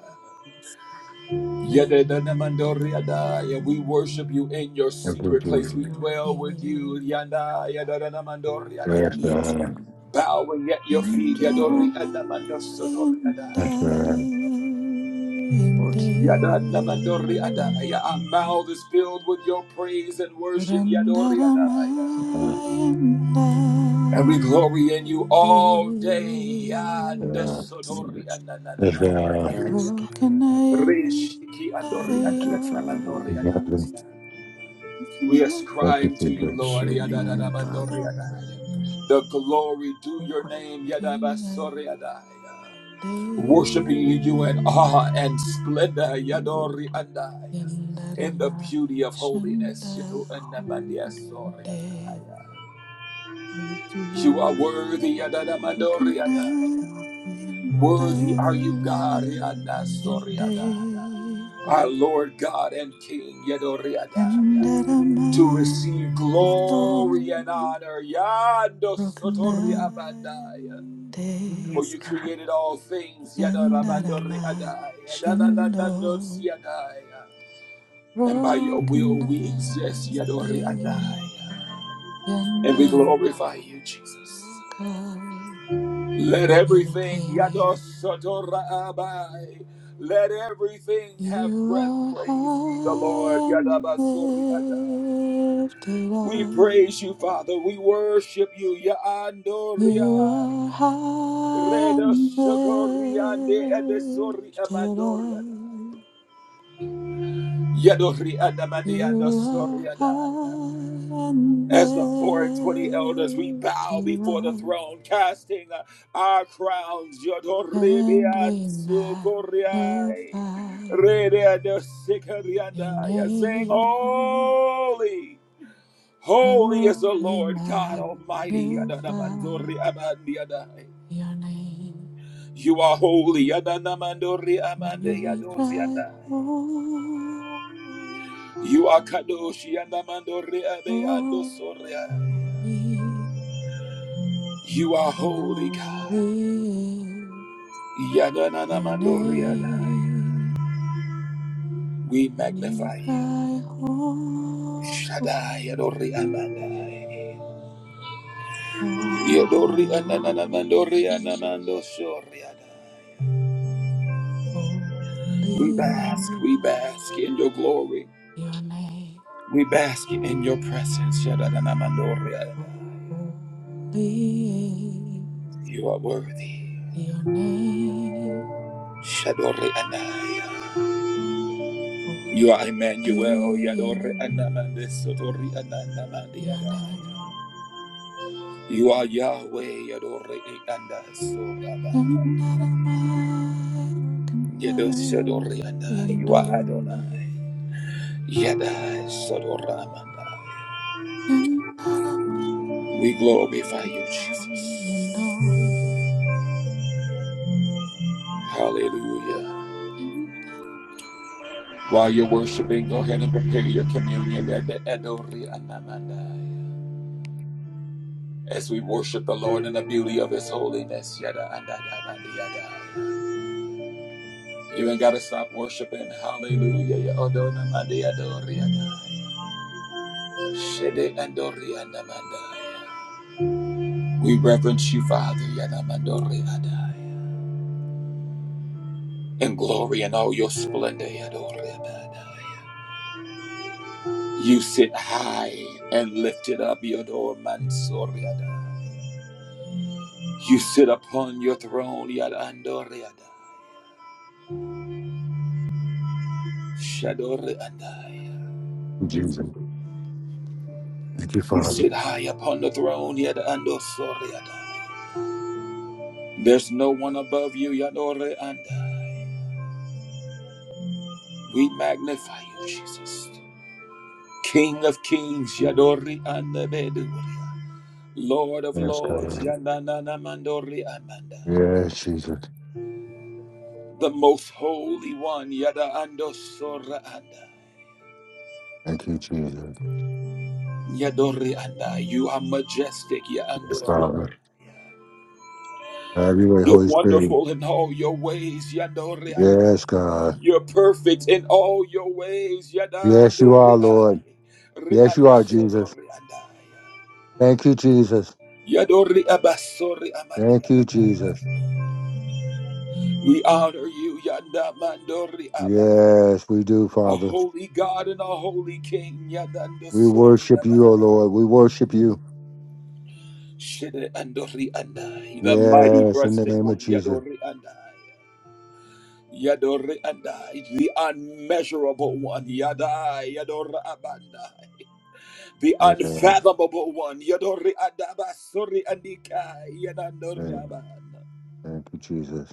A: Yadadadamandoriadaya, We
E: Randaramo,
D: Yes.
A: worship you in your secret place. We dwell with
E: Yoki,
A: you. Yanda, yadadadamandoriadaya.
D: Yes, Lord.
A: Bowing at your
D: Thank
A: feet.
D: you,
A: Yadoriadamandosodoriadaya.
D: Lord.
E: Yandaramayandayende,
A: Yadadamandoriadaya. Our mouth is filled with your praise and worship. Yadoriadaya. And we glory in you all day.
E: Randaramayandayende,
D: Jesus. Yes,
A: Yandosodoriadadamandoriadaya.
E: Broken
A: Reshiki
D: thank you,
E: Rokenayandayo
D: Father.
A: andoriadadamandoriadaya. We
E: Broken
B: you,
A: ascribe to you,
D: And
B: Jesus.
D: it's
A: Lord.
D: your name, Father.
A: Yadadadabandoriadai. The glory to your name.
E: eye
A: Yadabasoriadai. Worshiping you in awe and splendor.
D: You will
A: Yadoriadai. In the beauty of holiness.
D: hold
A: Yadoanamadiasoriadai.
D: me
A: You are
D: to
A: worthy. Yadadamandoriadai.
D: your feet.
A: Worthy are you, God. Yadasoriadai. Our Lord God and King. Yadoriadai to receive
D: Yes,
A: glory and honor. Yando sotori abandai.
E: and
D: Mm,
E: day.
A: For
D: yes,
A: you
D: God.
A: created all things. Yada
D: Thank
A: rabandori
E: Yandarama
A: adai. Yada da da da no
E: Shando
A: siadai. And by your will
E: Rokanayande
A: we
D: you.
A: exist. Yadori adai. And we
E: Yandarama
A: glorify you, Jesus.
E: Rokai
A: Let everything, Yado
E: Yurikei
A: sotora abai. Let everything have
E: You
A: breath.
E: are
A: Praise ye the Lord.
E: high and
A: Yada adai.
E: lifted
A: We
E: up
A: praise you, Father. We worship you. Ya
E: You
A: andoria.
E: are high
A: Reda
E: and
A: shokoria edesori
E: lifted
A: amandoria.
E: up
A: Yadori adamandia
E: You are
A: dosoria
E: high and
A: As the four and twenty elders, we bow
E: lifted
A: before the
E: up,
A: throne, casting our crowns. Yadori
E: and we
A: biansukoria.
E: magnify
A: Reda dosikoria
E: your
A: daya.
E: name.
A: holy. Holy is the
E: Lord, we
A: Lord God Almighty.
E: magnify
A: Adonamandori amandi
E: your name,
A: You are holy. Adonamandori
E: and
A: amandi
E: we cry, Holy,
A: You are Kadoshi Adonamandori abe
E: holy,
A: You are
E: holy
A: holy God.
E: is your
A: Yadonamandori adai.
E: name.
A: We
E: We
A: magnify you.
E: cry
A: Shaddai adori
E: holy,
A: amandai. Yadori adonamandori
E: holy,
A: anamandosori
E: holy
A: We bask, we
E: in
A: bask in your glory.
E: your name.
A: We bask in your presence.
E: Oh, holy in
A: You are worthy.
E: your name.
A: Shadori Anaya. You are Emmanuel.
E: Holy
A: Yadori
E: in
A: Anamande Sotori Ananamandi
E: your name.
A: Anaya. You are Yahweh. Yadori Anda Soraba. Yado Shadori Anaya. You
E: Yandaramarukanayando.
A: are Adonai. Yada Sodoramanda. We glorify you, Jesus.
E: Yandaramarukanayando.
A: Hallelujah.
E: You're not
A: While you're
E: a man.
A: worshiping, go ahead and prepare your communion at the Adori Anamandai. as we worship the Lord in the beauty of His holiness. Yada, anda, da, da, yada. You ain't gotta stop worshiping. Hallelujah. Ya, odona, manda, yada, Shede, ando, rianda, manda. We reverence you, Father, yada, mando, riada. in glory and all your splendor. yadori, yada, You sit high and lifted up, Yodor Mansoriada. You sit upon your throne, Yadandoriada. Shadoriada.
B: Jesus. Thank you,
A: You
B: Father.
A: sit high upon the throne, Yadando Soriada. There's no one above you, Yadore Anda. We magnify you, Jesus. King of kings, Yadori Anda Beduria. Lord of
B: Yes,
A: lords,
B: God.
A: Yananana Mandori Amanda.
B: Yes, Jesus.
A: The most holy one, Yada Ando Sora Anda.
B: Thank you, Jesus.
A: Yadori Anda, you are majestic,
B: Yes,
A: Yadori.
B: Father. Have your way,
A: You're
B: Holy Spirit.
A: wonderful in all your ways, Yadori Anda.
B: Yes, God.
A: You're perfect in all your ways. Yada
B: Yes, you
A: dori
B: are,
A: ai.
B: Lord.
A: Re
B: Yes, you are,
A: adesoro
B: Jesus.
A: re adai.
B: Thank you, Jesus.
A: Yadori abasori
B: Thank you,
A: amadai.
B: Jesus.
A: We honor you, Yada Mandori Abba.
B: Yes, we do,
A: A
B: Father.
A: holy God and a holy King, Yada
B: We
A: Ndosori
B: worship you, O
A: Abba.
B: Lord. We worship you.
A: Shede Andori Andai, the mighty
B: Yes, in the
A: breasted
B: name of
A: one,
B: Jesus.
A: Yadori Andai. Yadori Andai, the unmeasurable one, Yada Yadora Abanda. The
B: Yeah.
A: unfathomable one. Yadori adaba sori andika yadandori
B: Thank
A: abanda.
B: thank you, Jesus.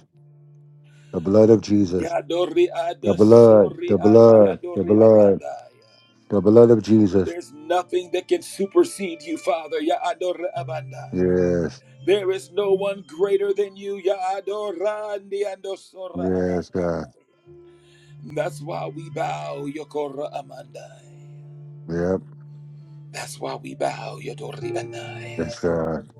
B: The blood of Jesus.
A: Yadori
B: The blood,
A: adasori
B: the
A: andi
B: blood, the
A: andori
B: blood,
A: abandaya.
B: the blood of Jesus.
A: There's nothing that can supersede you, Father. Yadori abandaya.
B: Yes.
A: There is no one greater than you. Yadora andi andosora
B: Yes, God.
A: amandaya. That's why we bow, Yokora amandaya.
B: Yep.
A: That's why we bow, Yadori anaya.
B: Yes, God.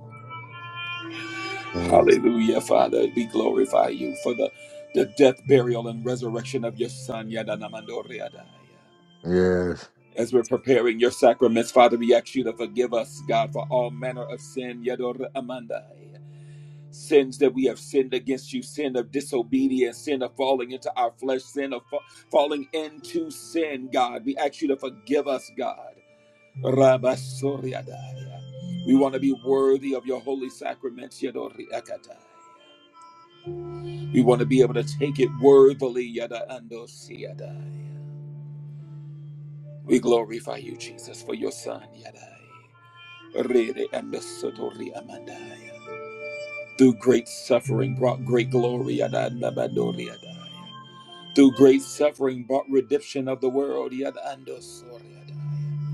B: Yes.
A: Hallelujah, Father. We glorify you for the, the death, burial, and resurrection of your Son, Yadanamandoriadaya.
B: Yes.
A: As we're preparing your sacraments, Father, we ask you to forgive us, God, for all manner of sin, Yadoramandai. Sins that we have sinned against you, sin of disobedience, sin of falling into our flesh, sin of fa- falling into sin, God. We ask you to forgive us, God. Rabasoriadaya. We want to be worthy of your holy sacraments, Yadoriakatai. We want to be able to take it worthily. Yada andosi yada. We glorify you, Jesus, for your son. Yada. Rere andosotori amandai. Through great suffering brought great glory. Yada andabadori yada. Through great suffering brought redemption of the world. Yada andosori yada.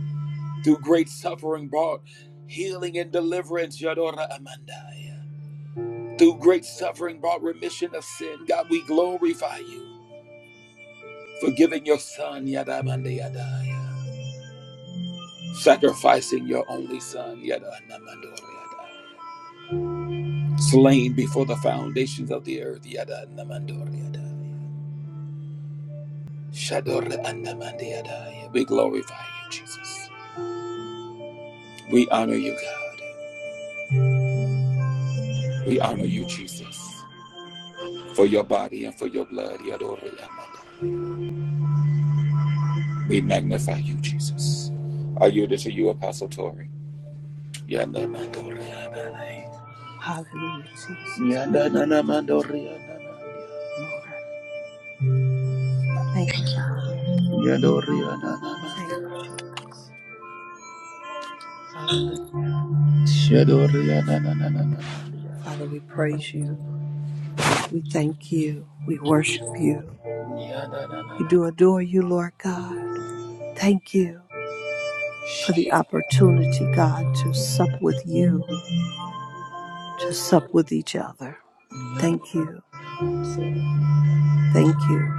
A: Through great suffering brought healing and deliverance. Yadora amandai. Through great suffering brought remission of sin. God, we glorify you. forgiving your son, yada manda yada, sacrificing your only son, yada namando yada, slain before the foundations of the earth, yada namando yada, shadore anamanda yada. We glorify you, Jesus. We honor you, God. We honor you, Jesus, for your body and for your blood, yadore amanda. We magnify you, Jesus. I yield it to you, Apostle Tori. Yada mandore amanda.
C: Hallelujah, Jesus. Thank
A: Yada nanamandore amanda.
C: you, Lord. Thank you, Father.
A: Yadoria na na na.
C: Thank you, Jesus. Hallelujah.
A: Shadoria na na na na na. na.
C: Father, we praise you. We thank you. We worship you.
A: Yada na na
C: We
A: na.
C: do adore you, Lord God. Thank you for the opportunity, God, to sup with you, to sup with each other. Thank you. Thank you.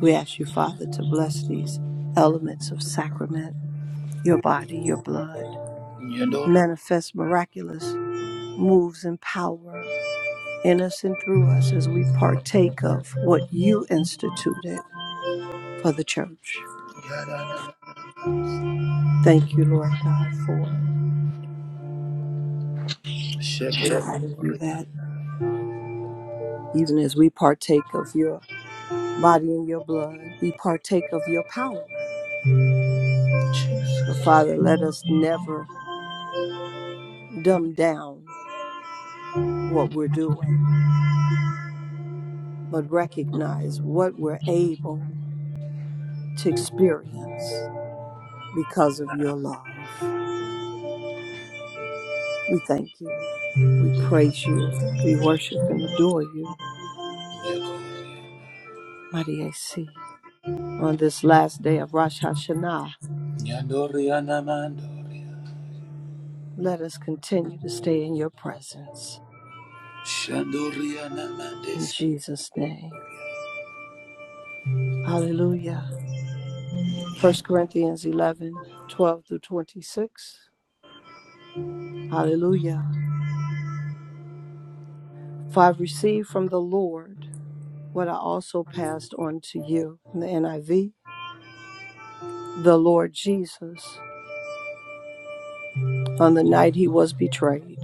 C: We ask you, Father, to bless these elements of sacrament, your body, your blood.
A: Yador.
C: Manifest miraculous moves and power in us and through us as we partake of what you instituted for the church.
A: Yada na na na.
C: Thank you, Lord God, for it. We thank you
A: Shakedoria.
C: that even as we partake of your body and your blood, we partake of your power. So, Father, let us never dumb down what we're doing but recognize what we're able to experience because of your love. We thank you. We praise you. We worship and adore you, mighty AC. On this last day of Rosh Hashanah,
A: Yadoria na mandoria.
C: let us continue to stay in your presence.
A: Shadoria na
C: In
A: mandes.
C: Jesus' name. Hallelujah. First Corinthians 11:12 through 26. Hallelujah. For I received from the Lord what I also passed on to you in the NIV. The Lord Jesus, on the night he was betrayed,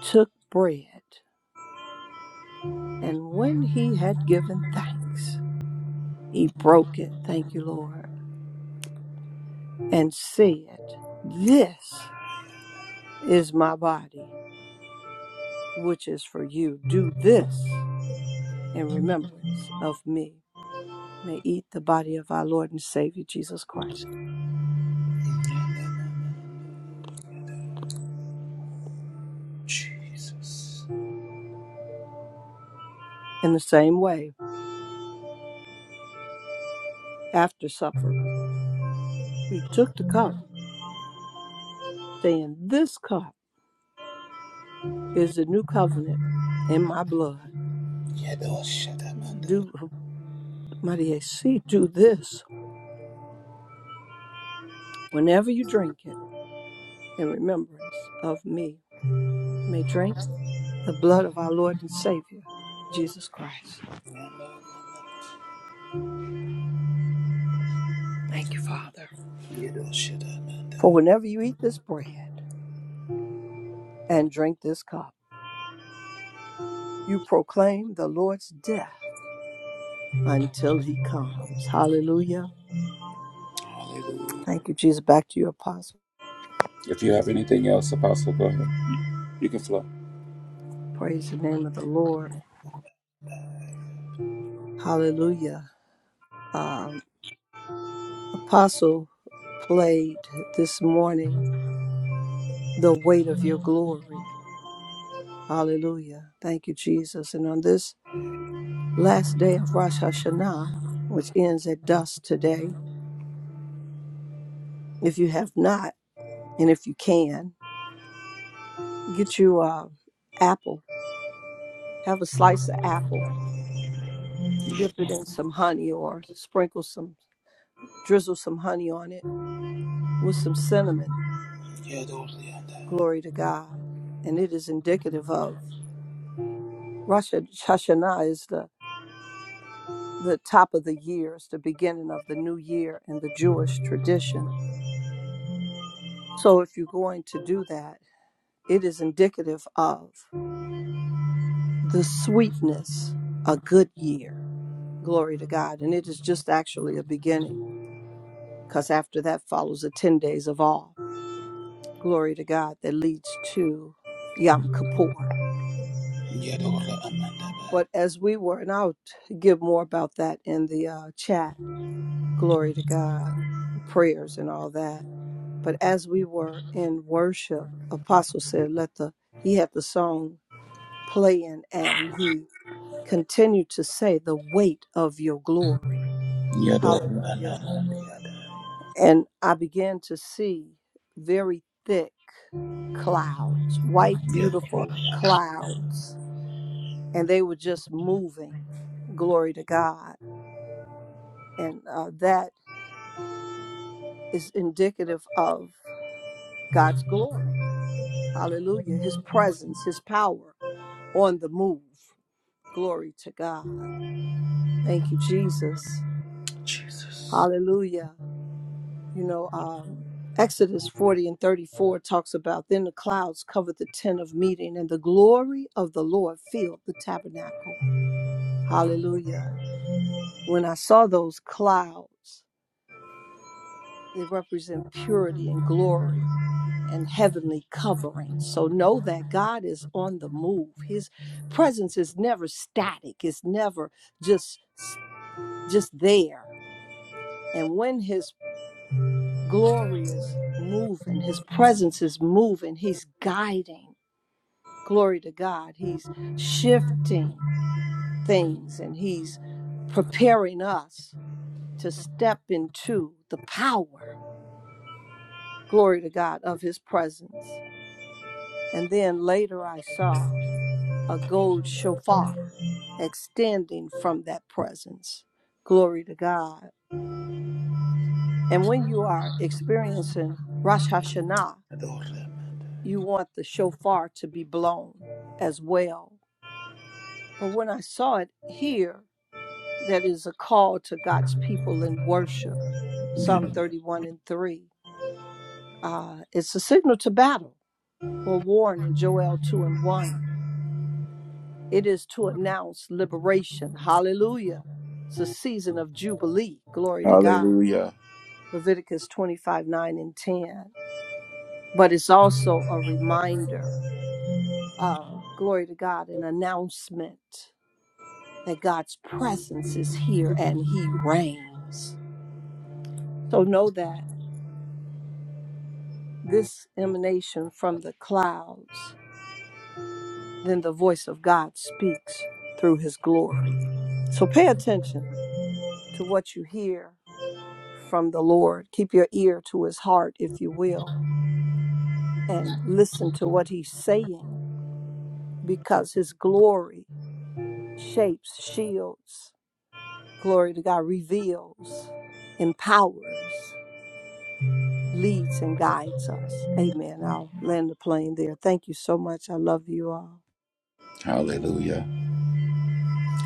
C: took bread, and when he had given thanks, he broke it, thank you, Lord, and said, This is my body, which is for you. Do this in remembrance of me. May eat the body of our Lord and Savior Jesus Christ.
A: Jesus.
C: In the same way, after supper, he took the cup, saying, This cup is the new covenant in my blood.
A: Yadoshatamanda.
C: Do Maria see, do this whenever you drink it in remembrance of me. You may drink the blood of our Lord and Savior, Jesus Christ. Thank you, Father. For
A: Yadoshatamanda.
C: whenever you eat this bread and drink this cup, you proclaim the Lord's death until he comes. Hallelujah.
A: Hallelujah.
C: Thank you, Jesus. Back to you, Apostle.
A: If you have anything else, Apostle, go ahead. You can flow.
C: Praise the name of the Lord. Hallelujah. Um, Apostle played this morning, The Weight of Your Glory. Hallelujah. Thank you, Jesus. And on this last day of Rosh Hashanah, which ends at dusk today, if you have not, and if you can, get you a apple. Have a slice of apple, dip it in some honey or sprinkle some, drizzle some honey on it with some cinnamon. Glory to God. And it is indicative of Rosh Hashanah is the the top of the years, the beginning of the new year in the Jewish tradition. So if you're going to do that, it is indicative of the sweetness, a good year. Glory to God. And it is just actually a beginning because after that follows the 10 days of all. Glory to God that leads to Yom Kippur.
A: Yadora Amanda.
C: But as we were, and I'll give more about that in the uh, chat glory to God, prayers and all that. But as we were in worship, Apostle said, let the, he had the song playing and he continued to say, the weight of your glory.
A: Yadora
C: Hallelujah. And I began to see very thick clouds, white,
A: Amanda.
C: beautiful clouds, and they were just moving. Glory to God. And uh, that is indicative of God's glory Hallelujah. His presence, his power on the move. Glory to God. Thank you, Jesus.
A: Jesus.
C: Hallelujah. You know, um, Exodus 40 and 34 talks about then the clouds covered the tent of meeting, and the glory of the Lord filled the tabernacle. Hallelujah. When I saw those clouds, they represent purity and glory. and heavenly covering. So know that God is on the move. His presence is never static. It's never just just there. And when his glory is moving, his presence is moving, he's guiding. Glory to God. He's shifting things and he's preparing us to step into the power. Glory to God of his presence. And then later I saw a gold shofar extending from that presence. Glory to God. And when you are experiencing Rosh Hashanah, you want the shofar to be blown as well. But when I saw it here, that is a call to God's people in worship, Psalm 31 and 3. Uh, it's a signal to battle or warn in Joel 2 and 1. It is to announce liberation. Hallelujah. It's a season of jubilee. Glory to God.
A: Hallelujah.
C: Leviticus 25 9 and 10. But it's also a reminder, uh, glory to God, an announcement that God's presence is here and he reigns. So know that this emanation from the clouds, then the voice of God speaks through his glory. So pay attention to what you hear from the Lord. Keep your ear to his heart, if you will, and listen to what he's saying because his glory shapes, shields, glory to God, reveals, empowers, leads, and guides us. Amen. I'll land the plane there. Thank you so much. I love you all.
A: Hallelujah.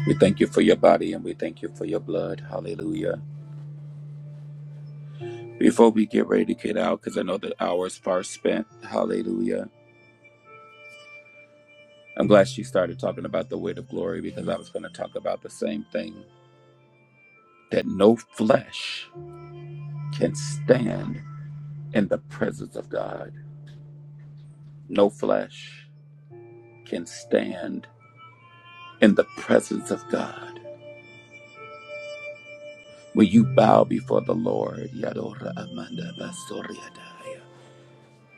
A: We thank you for your body and we thank you for your blood. Hallelujah. Before we get ready to get out, because I know the hour is far spent. Hallelujah. I'm glad she started talking about the weight of glory because I was going to talk about the same thing that no flesh can stand in the presence of God. No flesh can stand in the presence of God. Will you bow before the Lord? Yadora Amanda Basoriadai.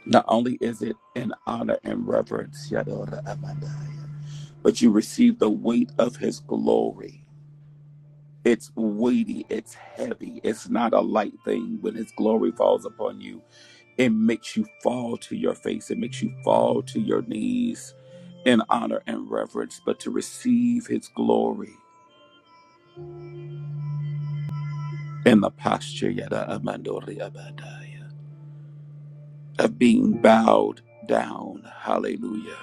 A: Not only is it an honor and reverence, Yadora Amandaya, but you receive the weight of his glory. It's weighty, it's heavy, it's not a light thing. When his glory falls upon you, it makes you fall to your face, it makes you fall to your knees in honor and reverence. But to receive his glory in the posture, Yada Amandori Abadaya, of being bowed down, hallelujah,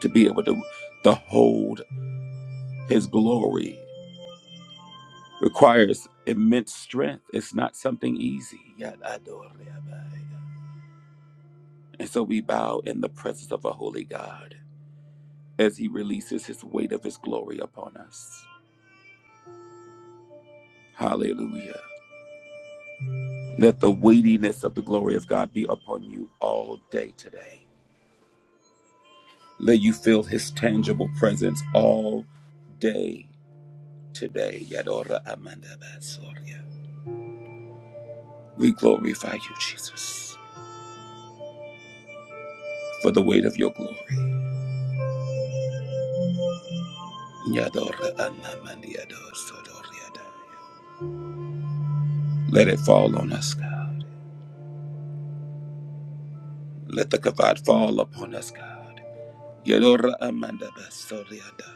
A: to be able to the hold His glory requires immense strength. It's not something easy. And so we bow in the presence of a holy God as he releases his weight of his glory upon us. Hallelujah. Let the weightiness of the glory of God be upon you all day today. Let you feel his tangible presence all day today. We glorify you, Jesus, for the weight of your glory. Yadora anamandiado sodoriada. Let it fall on us, God. Let the kavod fall upon us, God. Yadora amanda basoriada.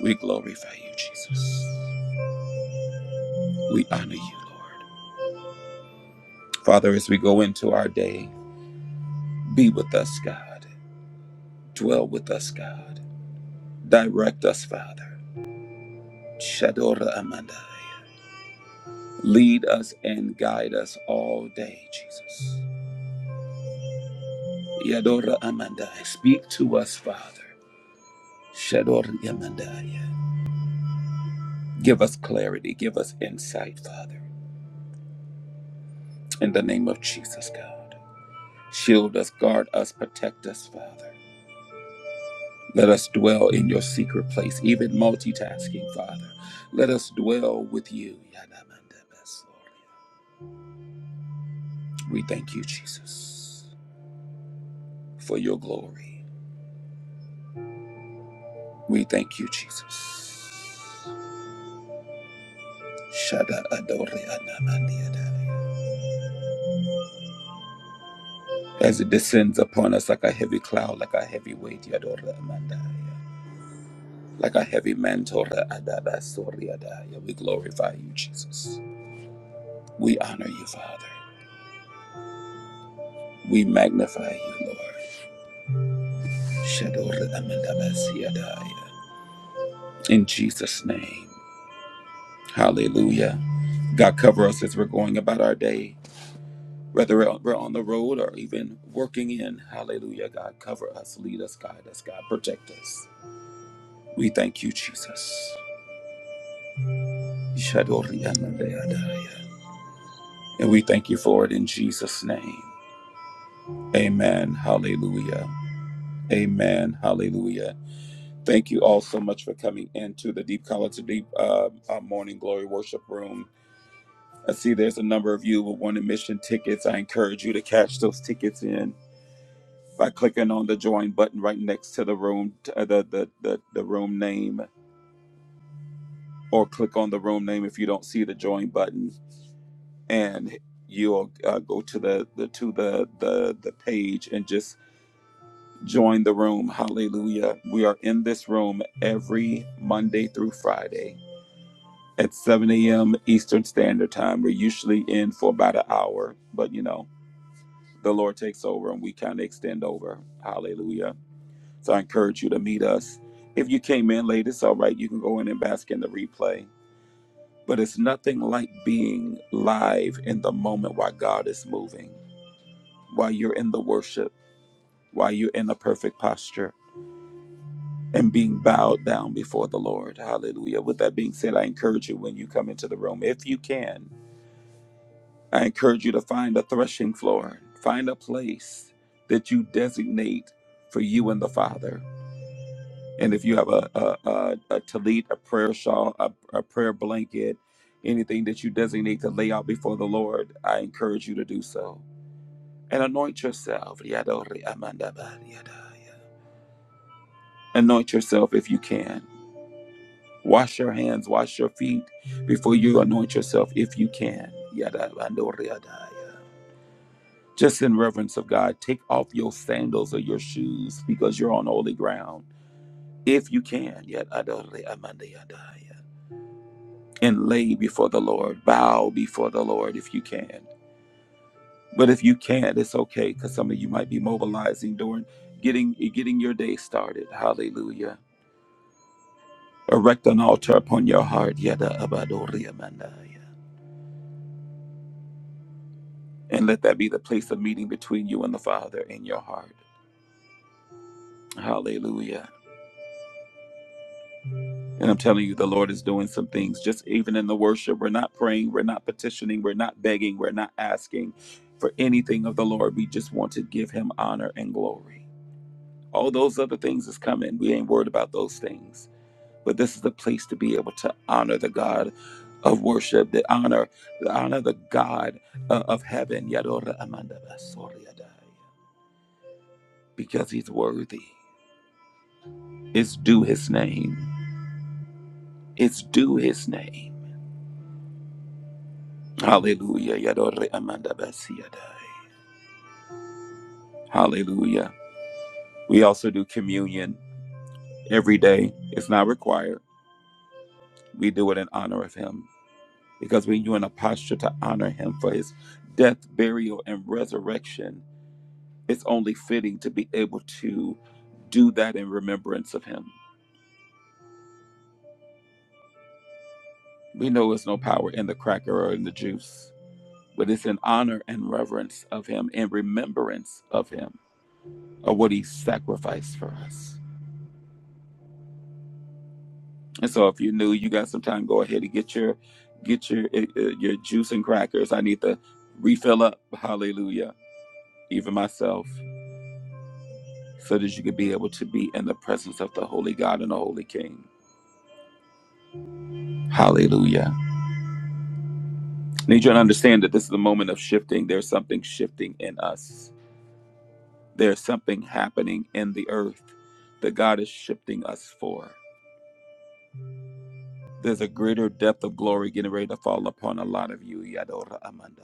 A: We glorify you, Jesus. We honor you, Lord. Father, as we go into our day, be with us, God. Dwell with us, God. Direct us, Father. Shadora amanda. Lead us and guide us all day, Jesus. Yadora amanda. Speak to us, Father. Shadoriamandaya. Give us clarity. Give us insight, Father. In the name of Jesus, God. Shield us, guard us, protect us, Father. Let us dwell in your secret place, even multitasking, Father. Let us dwell with you. Yadamandabasoria. We thank you, Jesus, for your glory. We thank you, Jesus. Shada adore anamandiada. As it descends upon us like a heavy cloud, like a heavy weight, Yadore amandaya. like a heavy mantle. Adabasoriadaya. We glorify you, Jesus. We honor you, Father. We magnify you, Lord. In Jesus' name. Hallelujah. God, cover us as we're going about our day, whether we're on the road or even working in. Hallelujah. God, cover us, lead us, guide us, God, protect us. We thank you, Jesus. And we thank you for it in Jesus' name. Amen. Hallelujah. Amen. Hallelujah. Thank you all so much for coming into the Deep Color to Deep uh, uh, Morning Glory Worship Room. I see there's a number of you with one admission tickets. I encourage you to catch those tickets in by clicking on the join button right next to the room, uh, the, the the the room name, or click on the room name if you don't see the join button, and you'll uh, go to the the to the the the page and just Join the room. Hallelujah. We are in this room every Monday through Friday at 7 a.m. Eastern Standard Time. We're usually in for about an hour, but you know, the Lord takes over and we kind of extend over. Hallelujah. So I encourage you to meet us. If you came in late, it's all right. You can go in and bask in the replay. But it's nothing like being live in the moment while God is moving, while you're in the worship, while you're in the perfect posture and being bowed down before the Lord. Hallelujah. With that being said, I encourage you when you come into the room, if you can, I encourage you to find a threshing floor, find a place that you designate for you and the Father. And if you have a a, a, a tallit, a prayer shawl, a, a prayer blanket, anything that you designate to lay out before the Lord, I encourage you to do so. And anoint yourself. Yadori amandabariadaya. Anoint yourself if you can. Wash your hands, wash your feet before you anoint yourself if you can. Just in reverence of God, take off your sandals or your shoes because you're on holy ground. If you can, and lay before the Lord, bow before the Lord if you can. But if you can't, it's okay because some of you might be mobilizing during getting getting your day started. Hallelujah. Erect an altar upon your heart. Yada abadori amandaya. And let that be the place of meeting between you and the Father in your heart. Hallelujah. And I'm telling you, the Lord is doing some things. Just even in the worship, we're not praying, we're not petitioning, we're not begging, we're not asking for anything of the Lord. We just want to give him honor and glory. All those other things is coming. We ain't worried about those things. But this is the place to be able to honor the God of worship, the honor, the honor the God uh, of heaven. Yadora Amanda Basoriadai, Because he's worthy. It's due his name. It's due his name. Hallelujah. Yadore amanda basiadai. Hallelujah. We also do communion every day. It's not required. We do it in honor of him because when you're in a posture to honor him for his death, burial, and resurrection, it's only fitting to be able to do that in remembrance of him. We know there's no power in the cracker or in the juice, but it's in honor and reverence of him, in remembrance of him. or what he sacrificed for us. And so if you're new, you got some time, go ahead and get your get your uh, uh, your juice and crackers. I need to refill up. Hallelujah. Even myself so that you could be able to be in the presence of the holy God and the holy King. Hallelujah. I need you to understand that this is a moment of shifting. There's something shifting in us. There's something happening in the earth that God is shifting us for. There's a greater depth of glory getting ready to fall upon a lot of you, Yadora Amanda.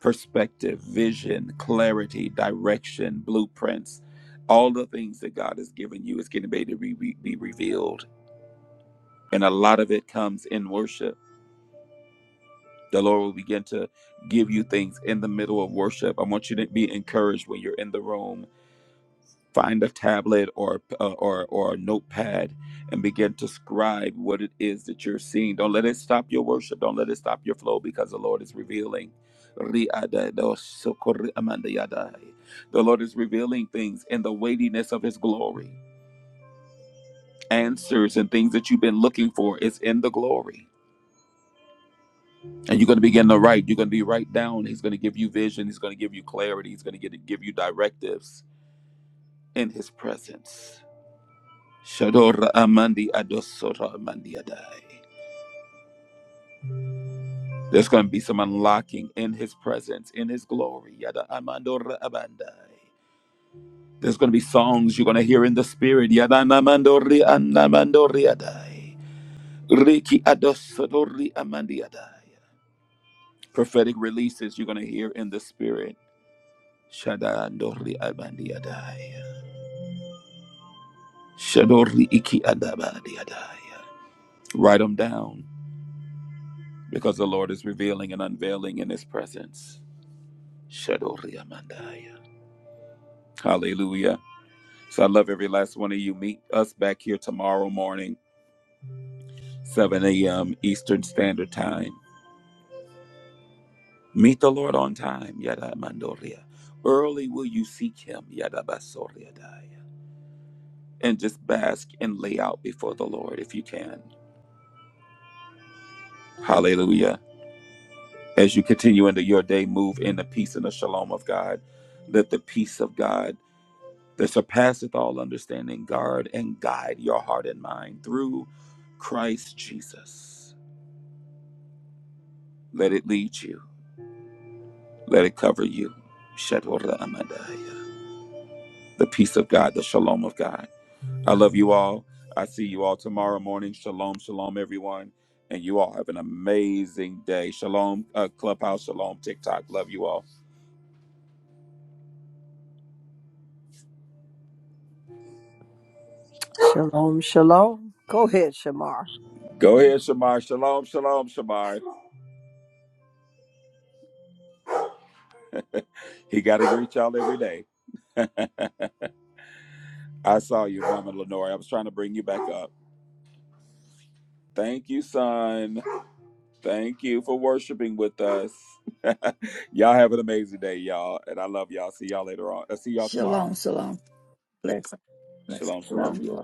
A: perspective, vision, clarity, direction, blueprints, all the things that God has given you is getting ready to be, be, be revealed. And a lot of it comes in worship. The Lord will begin to give you things in the middle of worship. I want you to be encouraged when you're in the room. find a tablet or uh, or or a notepad and begin to scribe what it is that you're seeing. Don't let it stop your worship. Don't let it stop your flow because the Lord is revealing. The Lord is revealing things in the weightiness of His glory. Answers and things that you've been looking for is in the glory. And you're going to begin to write. You're going to be right down. He's going to give you vision. He's going to give you clarity. He's going to give you directives in His presence. Shador Amandi Adosora Amandi Adai. There's going to be some unlocking in his presence, in his glory. Yada Amandora Abandai. There's going to be songs you're going to hear in the spirit. Yada Namandori Anamandori Adai. Riki Adosodori Amandi Adai. Prophetic releases you're going to hear in the spirit. Shada Andori Abandi Adai. Shadori Iki Adabadi Adai. Write them down because the Lord is revealing and unveiling in his presence. Shadoria Mandaya. Hallelujah. So I love every last one of you. Meet us back here tomorrow morning, 7 a.m. Eastern Standard Time. Meet the Lord on time, Yada Mandoria. Early will you seek him, Yada Basoria Daya. And just bask and lay out before the Lord if you can. Hallelujah. As you continue into your day, move in the peace and the shalom of God. Let the peace of God that surpasseth all understanding, guard and guide your heart and mind through Christ Jesus. Let it lead you, let it cover you. Shetorah Amadaya. The peace of God, the shalom of God. I love you all. I see you all tomorrow morning. Shalom, shalom, everyone. And you all have an amazing day. Shalom, uh, Clubhouse, shalom, TikTok. Love you all.
C: Shalom, shalom. Go ahead, Shamar.
A: Go ahead, Shamar. Shalom, shalom, Shamar. He got to reach y'all every day. [LAUGHS] I saw you, Mama Lenore. I was trying to bring you back up. Thank you, son. Thank you for worshiping with us. [LAUGHS] y'all have an amazing day, y'all. And I love y'all. See y'all later on. i see y'all tomorrow.
D: Shalom, shalom. Bless, bless.
A: Shalom, shalom.
D: Love you all.